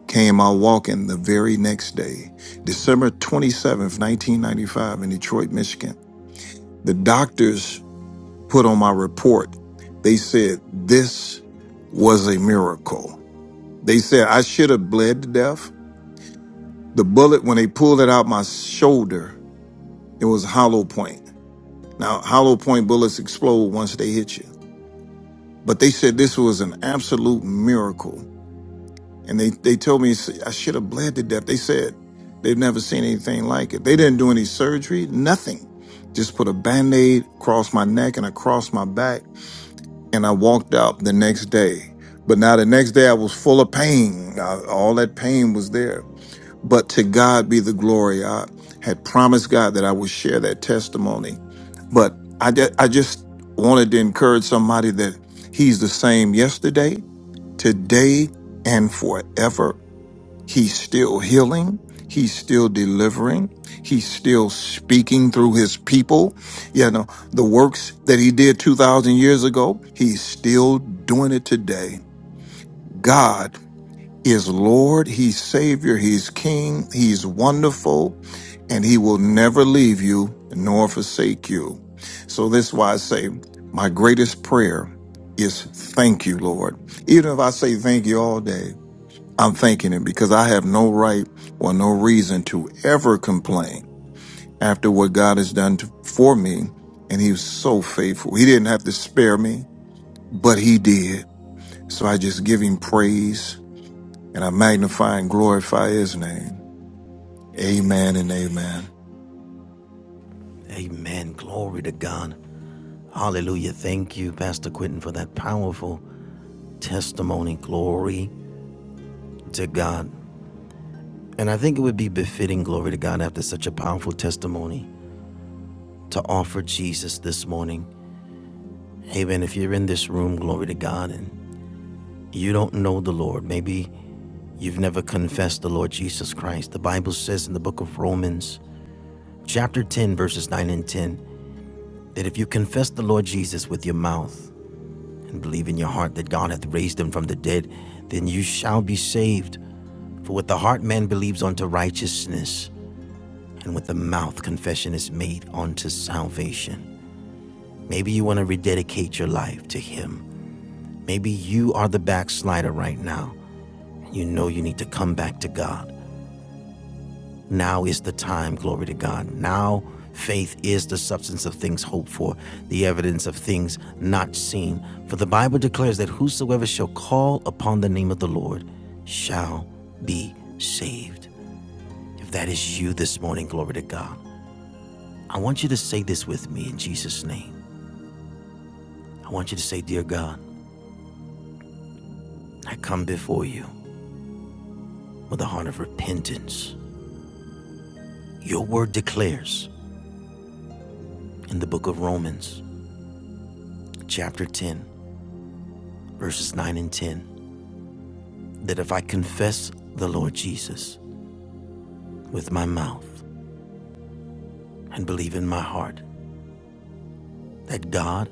Came out walking the very next day, December 27th, 1995, in Detroit, Michigan. The doctors put on my report, they said, This was a miracle. They said, I should have bled to death. The bullet, when they pulled it out my shoulder, it was hollow point. Now, hollow point bullets explode once they hit you. But they said this was an absolute miracle And they, they told me I should have bled to death. They said they've never seen anything like it. They didn't do any surgery, nothing. Just put a band aid across my neck and across my back. And I walked out the next day. But now the next day I was full of pain. I- all that pain was there. But to God be the glory. I had promised God that I would share that testimony. But I, ju- I just wanted to encourage somebody that He's the same yesterday, today, and forever He's still healing. He's still delivering. He's still speaking through his people. You know, the works that he did 2,000 years ago, he's still doing it today. God is Lord. He's Savior. He's King. He's wonderful. And he will never leave you nor forsake you. So this is why I say, my greatest prayer is thank you, Lord. Even if I say thank you all day, I'm thanking him because I have no right or no reason to ever complain after what God has done to, for me. And he was so faithful. He didn't have to spare me, but he did. So I just give him praise and I magnify and glorify his name. Amen and amen.
Amen. Glory to God. Hallelujah. Thank you, Pastor Quentin, for that powerful testimony, glory to God. And I think it would be befitting glory to God after such a powerful testimony to offer Jesus this morning. Amen. If you're in this room, glory to God, and you don't know the Lord, maybe you've never confessed the Lord Jesus Christ. The Bible says in the book of Romans, chapter 10, verses 9 and 10, that if you confess the Lord Jesus with your mouth and believe in your heart that God hath raised him from the dead, then you shall be saved. For with the heart man believes unto righteousness, and with the mouth confession is made unto salvation. Maybe you want to rededicate your life to Him. Maybe you are the backslider right now. You know you need to come back to God. Now is the time, glory to God. Now faith is the substance of things hoped for, the evidence of things not seen. For the Bible declares that whosoever shall call upon the name of the Lord shall be saved. If that is you this morning, glory to God, I want you to say this with me in Jesus' name. I want you to say, Dear God, I come before you with a heart of repentance. Your word declares in the book of Romans, chapter 10, verses 9 and 10, that if I confess the Lord Jesus with my mouth and believe in my heart that God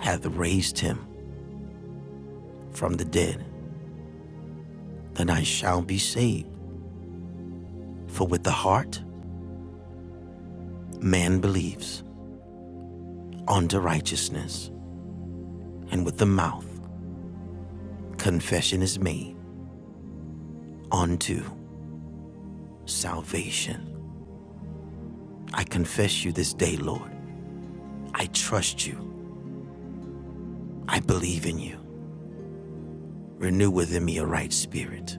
hath raised him from the dead, then I shall be saved. For with the heart man believes unto righteousness, and with the mouth confession is made unto salvation. I confess you this day, Lord. I trust you. I believe in you. Renew within me a right spirit.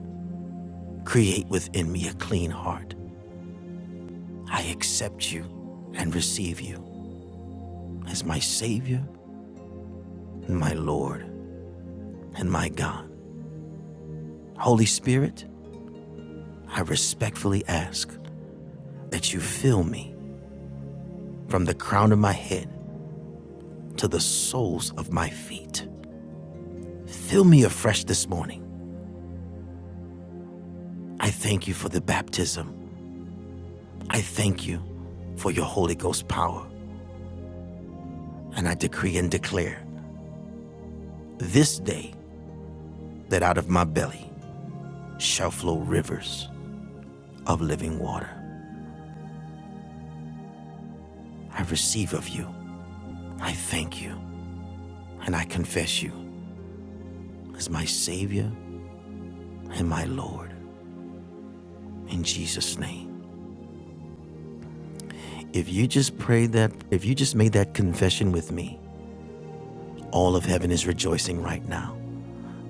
Create within me a clean heart. I accept you and receive you as my Savior and my Lord and my God. Holy Spirit, I respectfully ask that you fill me from the crown of my head to the soles of my feet. Fill me afresh this morning. I thank you for the baptism. I thank you for your Holy Ghost power. And I decree and declare this day that out of my belly shall flow rivers of living water. I receive of you. I thank you. And I confess you as my Savior and my Lord. In Jesus' name. If you just prayed that, if you just made that confession with me, all of heaven is rejoicing right now.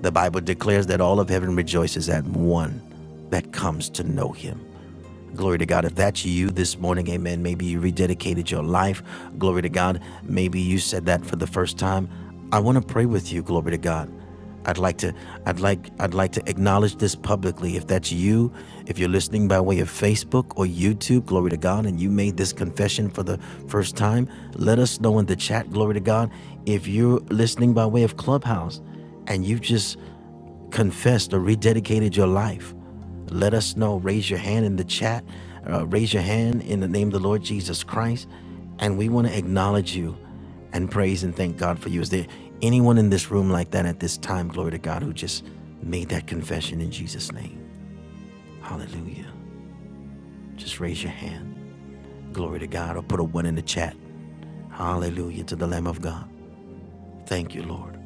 The Bible declares that all of heaven rejoices at one that comes to know him. Glory to God. If that's you this morning, amen. Maybe you rededicated your life. Glory to God. Maybe you said that for the first time. I want to pray with you. Glory to God. I'd like to I'd like I'd like to acknowledge this publicly. If that's you, if you're listening by way of Facebook or YouTube, glory to God, and you made this confession for the first time, let us know in the chat, glory to God. If you're listening by way of Clubhouse and you've just confessed or rededicated your life, let us know. Raise your hand in the chat. Uh, raise your hand in the name of the Lord Jesus Christ. And we want to acknowledge you and praise and thank God for you. Is there anyone in this room like that at this time, glory to God, who just made that confession in Jesus' name? Hallelujah. Just raise your hand. Glory to God. Or put a one in the chat. Hallelujah to the Lamb of God. Thank you, Lord.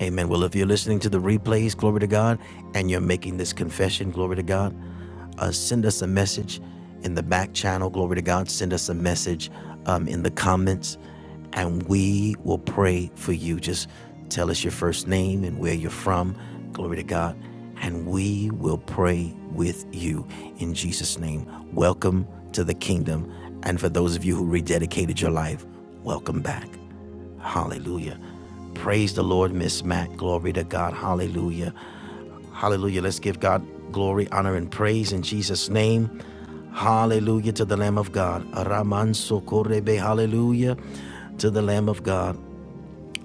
Amen. Well, if you're listening to the replays, glory to God, and you're making this confession, glory to God, uh, send us a message in the back channel, glory to God. Send us a message um, in the comments, and we will pray for you. Just tell us your first name and where you're from, glory to God, and we will pray with you in Jesus' name. Welcome to the kingdom. And for those of you who rededicated your life, welcome back. Hallelujah. Praise the Lord, Miss Matt. Glory to God. Hallelujah. Hallelujah. Let's give God glory, honor, and praise in Jesus' name. Hallelujah to the Lamb of God. Raman sokorebe. Hallelujah to the Lamb of God.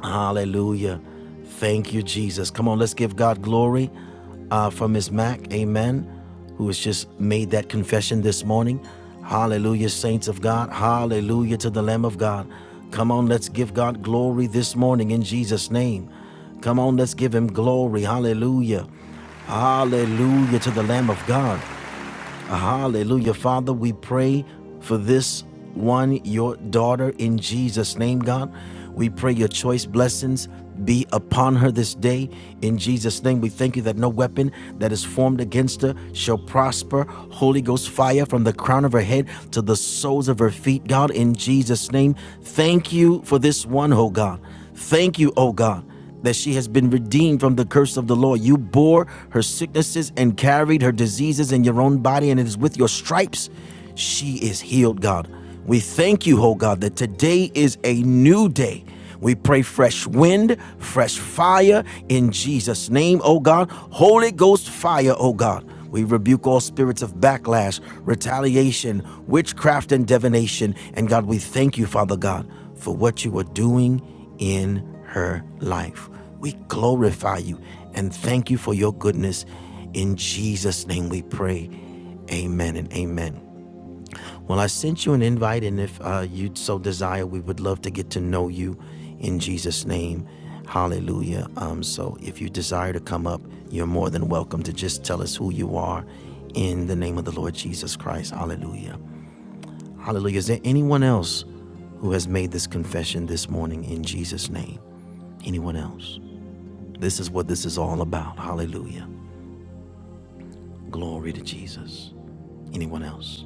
Hallelujah. Thank you, Jesus. Come on, let's give God glory uh, for Miss Mac. Amen. Who has just made that confession this morning. Hallelujah, saints of God. Hallelujah to the Lamb of God. Come on, let's give God glory this morning in Jesus' name. Come on, let's give him glory. Hallelujah. Hallelujah to the Lamb of God. Hallelujah. Father, we pray for this one, your daughter, in Jesus' name, God. We pray your choice blessings be upon her this day. In Jesus' name, we thank you that no weapon that is formed against her shall prosper. Holy Ghost fire from the crown of her head to the soles of her feet, God, in Jesus' name. Thank you for this one, oh God. Thank you, oh God that she has been redeemed from the curse of the law. You bore her sicknesses and carried her diseases in your own body, and it is with your stripes she is healed, God. We thank you, oh God, that today is a new day. We pray fresh wind, fresh fire in Jesus' name, oh God. Holy Ghost fire, oh God. We rebuke all spirits of backlash, retaliation, witchcraft, and divination. And God, we thank you, Father God, for what you are doing in her life. We glorify you and thank you for your goodness. In Jesus' name we pray. Amen and amen. Well, I sent you an invite, and if uh, you so desire, we would love to get to know you in Jesus' name. Hallelujah. Um, so if you desire to come up, you're more than welcome to just tell us who you are in the name of the Lord Jesus Christ. Hallelujah. Hallelujah. Is there anyone else who has made this confession this morning in Jesus' name? Anyone else? This is what this is all about. Hallelujah. Glory to Jesus. Anyone else?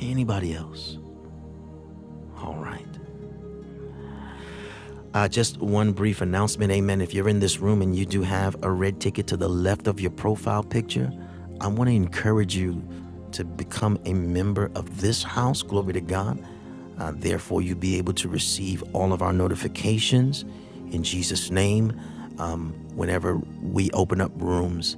Anybody else? All right. Uh, just one brief announcement. Amen. If you're in this room and you do have a red ticket to the left of your profile picture, I want to encourage you to become a member of this house. Glory to God. Uh, therefore, you'll be able to receive all of our notifications in Jesus' name. Um, whenever we open up rooms,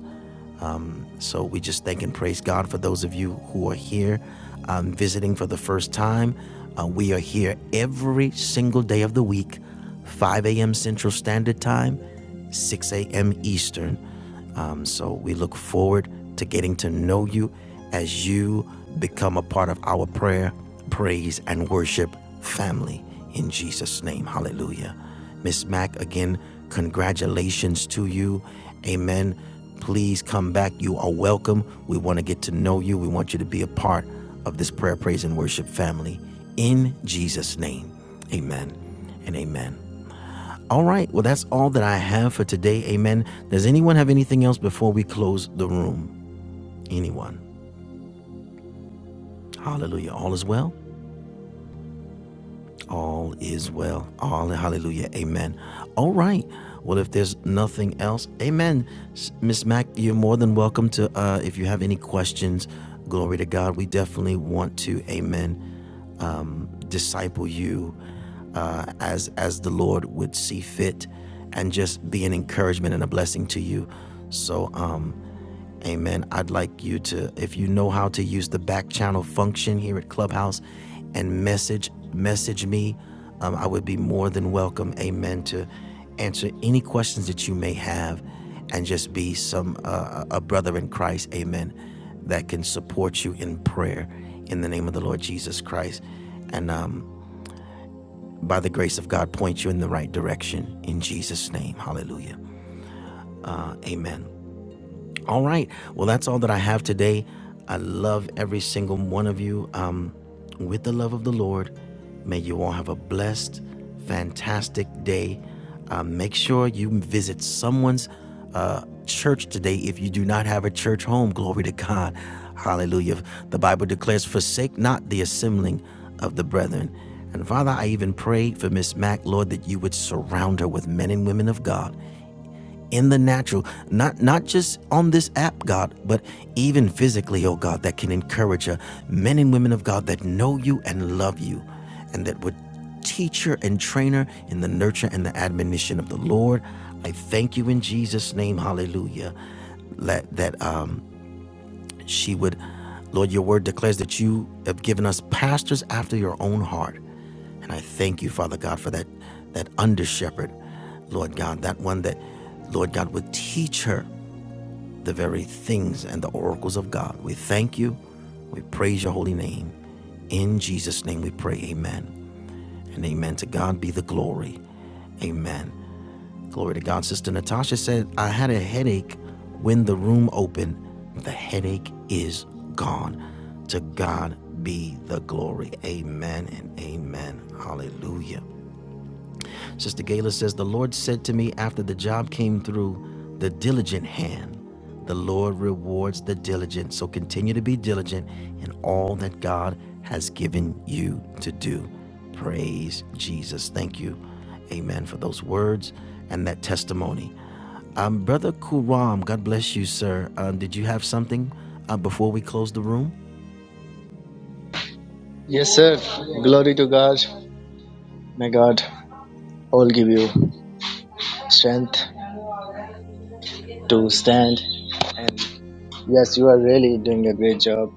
So we just thank and praise God for those of you who are here um, visiting for the first time. Uh, we are here every single day of the week, 5 a.m. Central Standard Time, 6 a.m. Eastern. Um, so we look forward to getting to know you as you become a part of our prayer, praise, and worship family in Jesus' name. Hallelujah. Miss Mack, again, congratulations to you. Amen. Please come back. You are welcome. We want to get to know you. We want you to be a part of this prayer, praise, and worship family. In Jesus' name, amen and amen. All right. Well, that's all that I have for today. Amen. Does anyone have anything else before we close the room? Anyone? Hallelujah. All is well. all is well. All hallelujah. Amen. All right. Well, if there's nothing else, amen. Miss Mack, you're more than welcome to, uh, if you have any questions, glory to God. We definitely want to, amen, um, disciple you uh, as, as the Lord would see fit and just be an encouragement and a blessing to you. So, um, Amen. I'd like you to, if you know how to use the back channel function here at Clubhouse and message message me, um, I would be more than welcome, amen, to answer any questions that you may have and just be some uh, a brother in Christ, amen, that can support you in prayer in the name of the Lord Jesus Christ. And um, by the grace of God, point you in the right direction in Jesus' name. Hallelujah. Uh, amen. All right. Well, that's all that I have today. I love every single one of you. Um, with the love of the Lord, may you all have a blessed, fantastic day. Uh, make sure you visit someone's uh, church today if you do not have a church home. Glory to God. Hallelujah. The Bible declares, Forsake not the assembling of the brethren. And Father, I even pray for Miss Mack, Lord, that you would surround her with men and women of God in the natural, not not just on this app, God, but even physically, oh God, that can encourage her, men and women of God that know you and love you, and that would teach her and train her in the nurture and the admonition of the Lord. I thank you in Jesus' name, hallelujah. Let that uh she would lord your word declares that you have given us pastors after your own heart and i thank you father god for that that under shepherd lord god that one that lord god would teach her the very things and the oracles of god we thank you we praise your holy name in jesus name we pray amen and amen to god be the glory amen Glory to God. Sister Natasha said, I had a headache when the room opened. The headache is gone. To God be the glory. Amen and amen. Hallelujah. Sister Gayla says, The Lord said to me after the job came through, the diligent hand. The Lord rewards the diligent. So continue to be diligent in all that God has given you to do. Praise Jesus. Thank you. Amen for those words and that testimony. Um, Brother Kuram, God bless you, sir. Um, did you have something uh, before we close the room?
Yes, sir. Glory to God. May God all give you strength to stand. And yes, you are really doing a great job.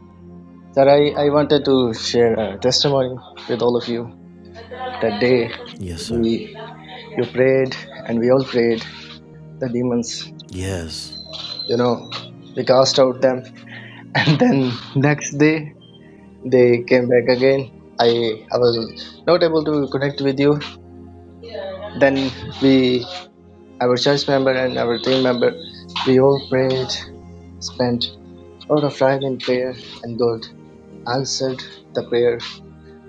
Sir, I, I wanted to share a testimony with all of you. That day
Yes, sir.
we you prayed and we all prayed. The demons,
Yes.
you know, we cast out them. And then next day they came back again. I I was not able to connect with you. Then we Our church member and our team member, we all prayed, spent a lot of time in prayer, and God answered the prayer.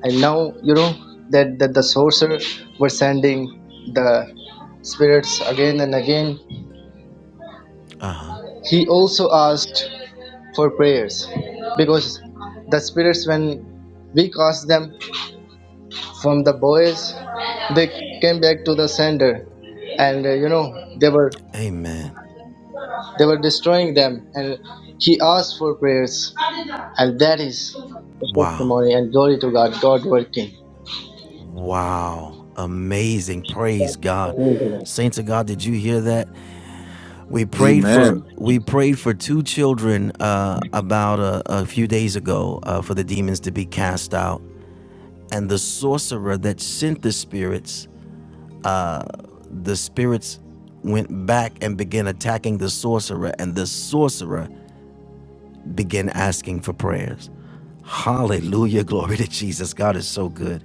And now, you know, that, that the sorcerer was sending the spirits again and again. He also asked for prayers because the spirits, when we cast them from the boys, they came back to the sender and uh, you know they were
Amen.
They were destroying them, and he asked for prayers. And that is the
Wow.
testimony and glory to God, God working.
Wow. Amazing. Praise God.
Glory to God.
Saints of God, did you hear that? We prayed for
Amen.
we prayed for two children uh, about a, a few days ago uh, for the demons to be cast out. And the sorcerer that sent the spirits, the spirits went back and began attacking the sorcerer, and the sorcerer began asking for prayers. Hallelujah. Glory to Jesus. God is so good.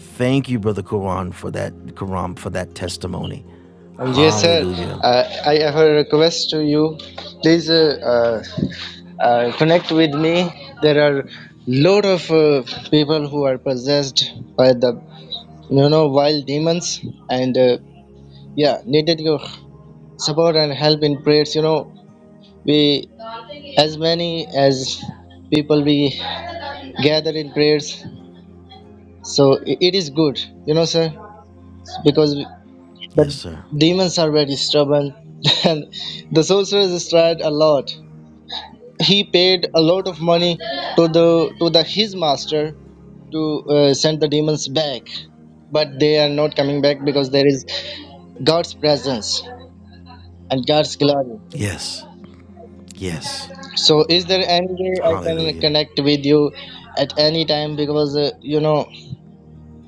Thank you, Brother Quran, for that Quran for that testimony.
And yes, sir,
Hallelujah.
uh, I have a request to you. Please uh, uh, uh, connect with me. There are lot of uh, people who are possessed by the you know wild demons, and uh, yeah, needed your support and help in prayers. You know, we as many as people we gather in prayers. So i- it is good, you know, sir, because the
Yes, sir.
demons are very stubborn, and the sorcerers tried a lot. He paid a lot of money to the to the his master to uh, send the demons back, but they are not coming back because there is God's presence and God's glory.
Yes. Yes.
So, is there any way I can
Hallelujah.
connect with you at any time? Because uh, you know,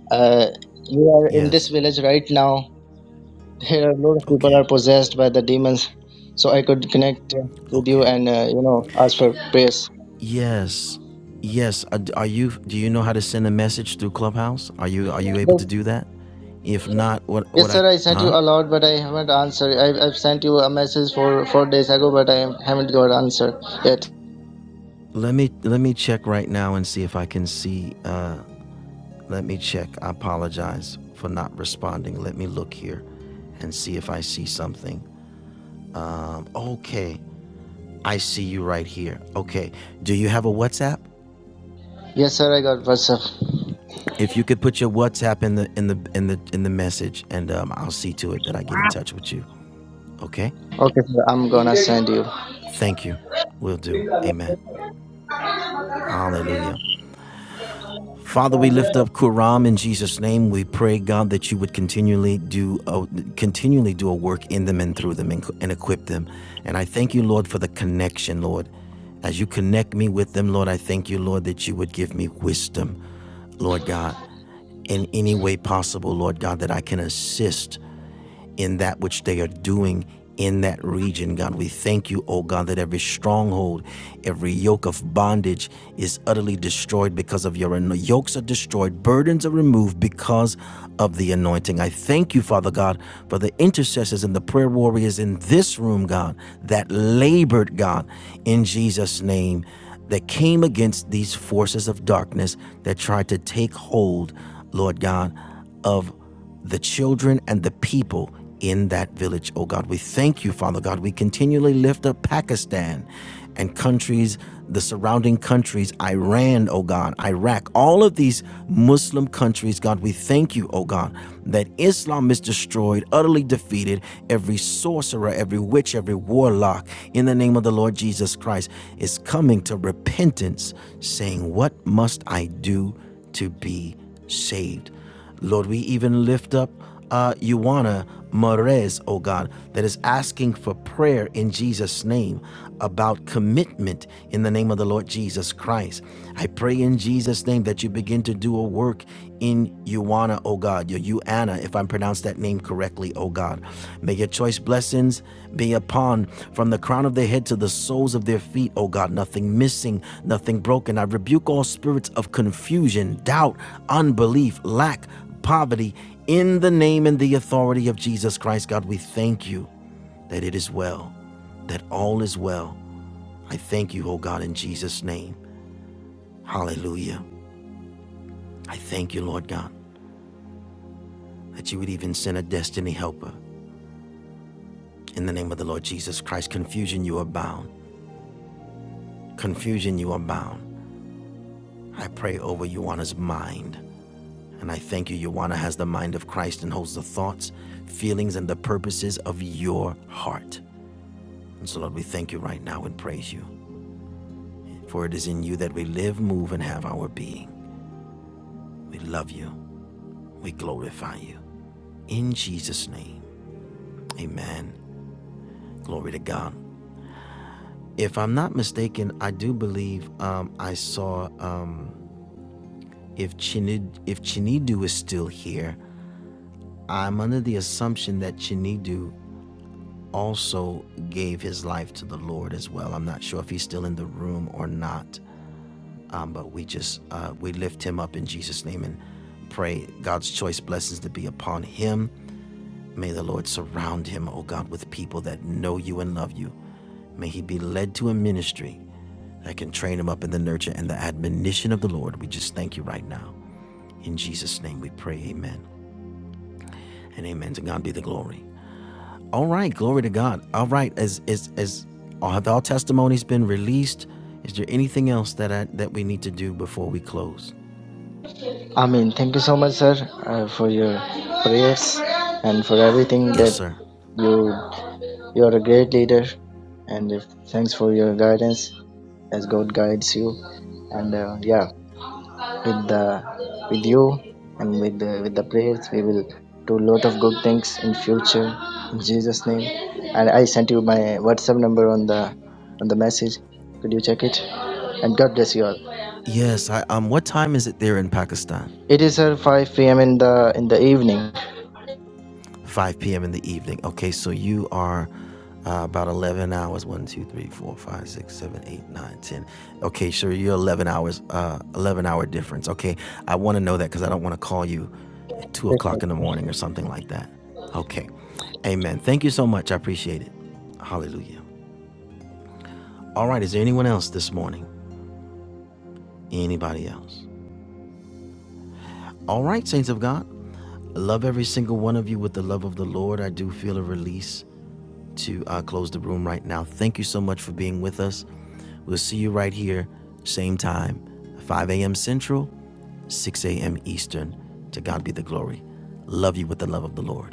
uh, you are in this
Yes.
village right now Here, a lot of people are
Okay.
possessed by the demons, so I could connect uh, with you
Okay.
and uh, you know ask for prayers.
Yes. Yes. Are are you? Do you know how to send a message through Clubhouse? Are you? Are you able to
Yes,
do that? If not, what? What
yes,
I?
sir. I sent you
Huh?
a lot, but I haven't answered. I've, I've sent you a message for four days ago, but I haven't got answer yet.
Let me. Let me check right now and see if I can see. Uh, let me check. I apologize for not responding. Let me look here, and see if I see something. Um, okay, I see you right here. Okay, do you have a WhatsApp?
Yes, sir. I got WhatsApp.
If you could put your WhatsApp in the in the in the in the message, and um, I'll see to it that I get in touch with you. Okay,
Okay, sir. I'm gonna send you.
thank you. Will do. Amen. Hallelujah. Father, we lift up Kuram in Jesus' name. We pray, God, that you would continually do a, continually do a work in them and through them and, and equip them. And I thank you, Lord, for the connection, Lord. As you connect me with them, Lord, I thank you, Lord, that you would give me wisdom, Lord God, in any way possible, Lord God, that I can assist in that which they are doing in that region, God. We thank you, oh God, that every stronghold, every yoke of bondage is utterly destroyed because of your anointing. Yokes are destroyed, burdens are removed because of the anointing. I thank you, Father God, for the intercessors and the prayer warriors in this room, God, that labored, God, in Jesus' name, that came against these forces of darkness that tried to take hold, Lord God, of the children and the people in that village, oh God. We thank you, Father God. We continually lift up Pakistan and countries, the surrounding countries, Iran, oh God, Iraq, all of these Muslim countries, God, we thank you, oh God, that Islam is destroyed, utterly defeated, every sorcerer, every witch, every warlock, in the name of the Lord Jesus Christ, is coming to repentance, saying, What must I do to be saved? Lord, we even lift up uh, Ioana Marez, oh God, that is asking for prayer in Jesus' name about commitment in the name of the Lord Jesus Christ. I pray in Jesus' name that you begin to do a work in Ioana, oh God, your Uana, if I'm pronounced that name name correctly, O God. May your choice blessings be upon from the crown of their head to the soles of their feet, O God. Nothing missing, nothing broken. I rebuke all spirits of confusion, doubt, unbelief, lack, poverty. In the name and the authority of Jesus Christ, God, we thank you that it is well, that all is well. I thank you, O God, in Jesus' name. Hallelujah. I thank you, Lord God, that you would even send a destiny helper. In the name of the Lord Jesus Christ, confusion, you are bound. Confusion you abound. I pray over Ioana's mind, and I thank you, Ioana has the mind of Christ and holds the thoughts, feelings, and the purposes of your heart. And so, Lord, we thank you right now and praise you, for it is in you that we live, move, and have our being. We love you. We glorify you. In Jesus' name, amen. Glory to God. If I'm not mistaken, I do believe um, I saw um, if Chinid, if Chinidu is still here. I'm under the assumption that Chinidu also gave his life to the Lord as well. I'm not sure if he's still in the room or not, um, but we just uh, we lift him up in Jesus' name and pray God's choice blessings to be upon him. May the Lord surround him, oh God, with people that know you and love you. May he be led to a ministry that can train him up in the nurture and the admonition of the Lord. We just thank you right now. In Jesus' name we pray, amen. And amen. To God be the glory. All right, glory to God. All right, as as as have all testimonies been released? Is there anything else that I, that we need to do before we close?
Amin. Thank you so much, sir, uh, for your prayers and for everything
Yes,
that
sir.
you you are a great leader. And if, thanks for your guidance as God guides you. And uh, yeah, with the with you and with the, with the prayers, we will do a lot of good things in future. In Jesus' name. And I sent you my WhatsApp number on the on the message. Could you check it? And God bless you all.
Yes. I, um. What time is it there in Pakistan?
It is sir 5 p.m. in the in the evening.
5 p.m. in the evening. Okay, so you are uh, about 11 hours One, 2, 3, 4, 5, 6, 7, 8, 9, ten. Okay, sure, you're 11 hours, uh, 11 hour difference. Okay, I want to know that because I don't want to call you at 2
better
o'clock in the morning or something like that. Okay, amen. Thank you so much. I appreciate it. Hallelujah. All right, is there anyone else this morning? Anybody else? All right, saints of God, I love every single one of you with the love of the Lord. I do feel a release to uh, close the room right now. Thank you so much for being with us. We'll see you right here, same time, 5 a.m. Central, 6 a.m. Eastern. To God be the glory. Love you with the love of the Lord.